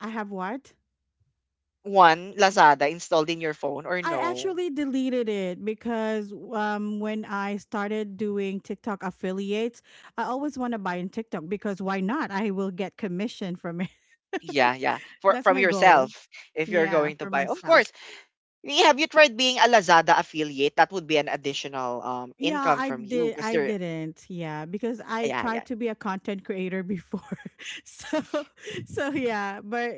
Speaker 2: I have what?
Speaker 1: One Lazada installed in your phone or
Speaker 2: I
Speaker 1: no?
Speaker 2: actually deleted it because um, when I started doing TikTok affiliates, I always want to buy in TikTok because why not? I will get commission from it.
Speaker 1: Yeah, yeah. For
Speaker 2: That's
Speaker 1: from
Speaker 2: my goal.
Speaker 1: yourself if you're
Speaker 2: Yeah,
Speaker 1: going to
Speaker 2: for
Speaker 1: buy. Of
Speaker 2: myself.
Speaker 1: course. Y- Have you tried being a Lazada affiliate? That would be an additional um
Speaker 2: Yeah,
Speaker 1: income
Speaker 2: I
Speaker 1: from you
Speaker 2: did.
Speaker 1: because
Speaker 2: I
Speaker 1: they're
Speaker 2: didn't. Yeah, because I
Speaker 1: yeah,
Speaker 2: tried
Speaker 1: yeah.
Speaker 2: to be a content creator before. So, so yeah, but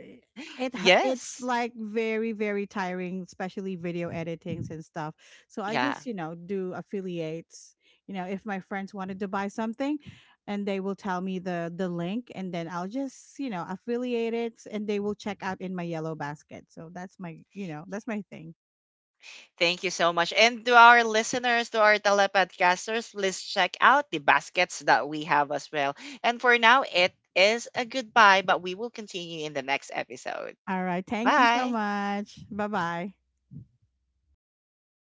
Speaker 2: it hu- it's
Speaker 1: Yes.
Speaker 2: like very very tiring, especially video editings and stuff. So I
Speaker 1: Yeah.
Speaker 2: just you know do affiliates. You know, if my friends wanted to buy something, and they will tell me the the link, and then I'll just you know affiliate it, and they will check out in my yellow basket. So that's my you know that's my thing.
Speaker 1: Thank you so much. And to our listeners, to our telepodcasters, please check out the baskets that we have as well. And for now, it is a goodbye, but we will continue in the next episode.
Speaker 2: All right. Thank you so
Speaker 1: Bye.
Speaker 2: much. Bye bye.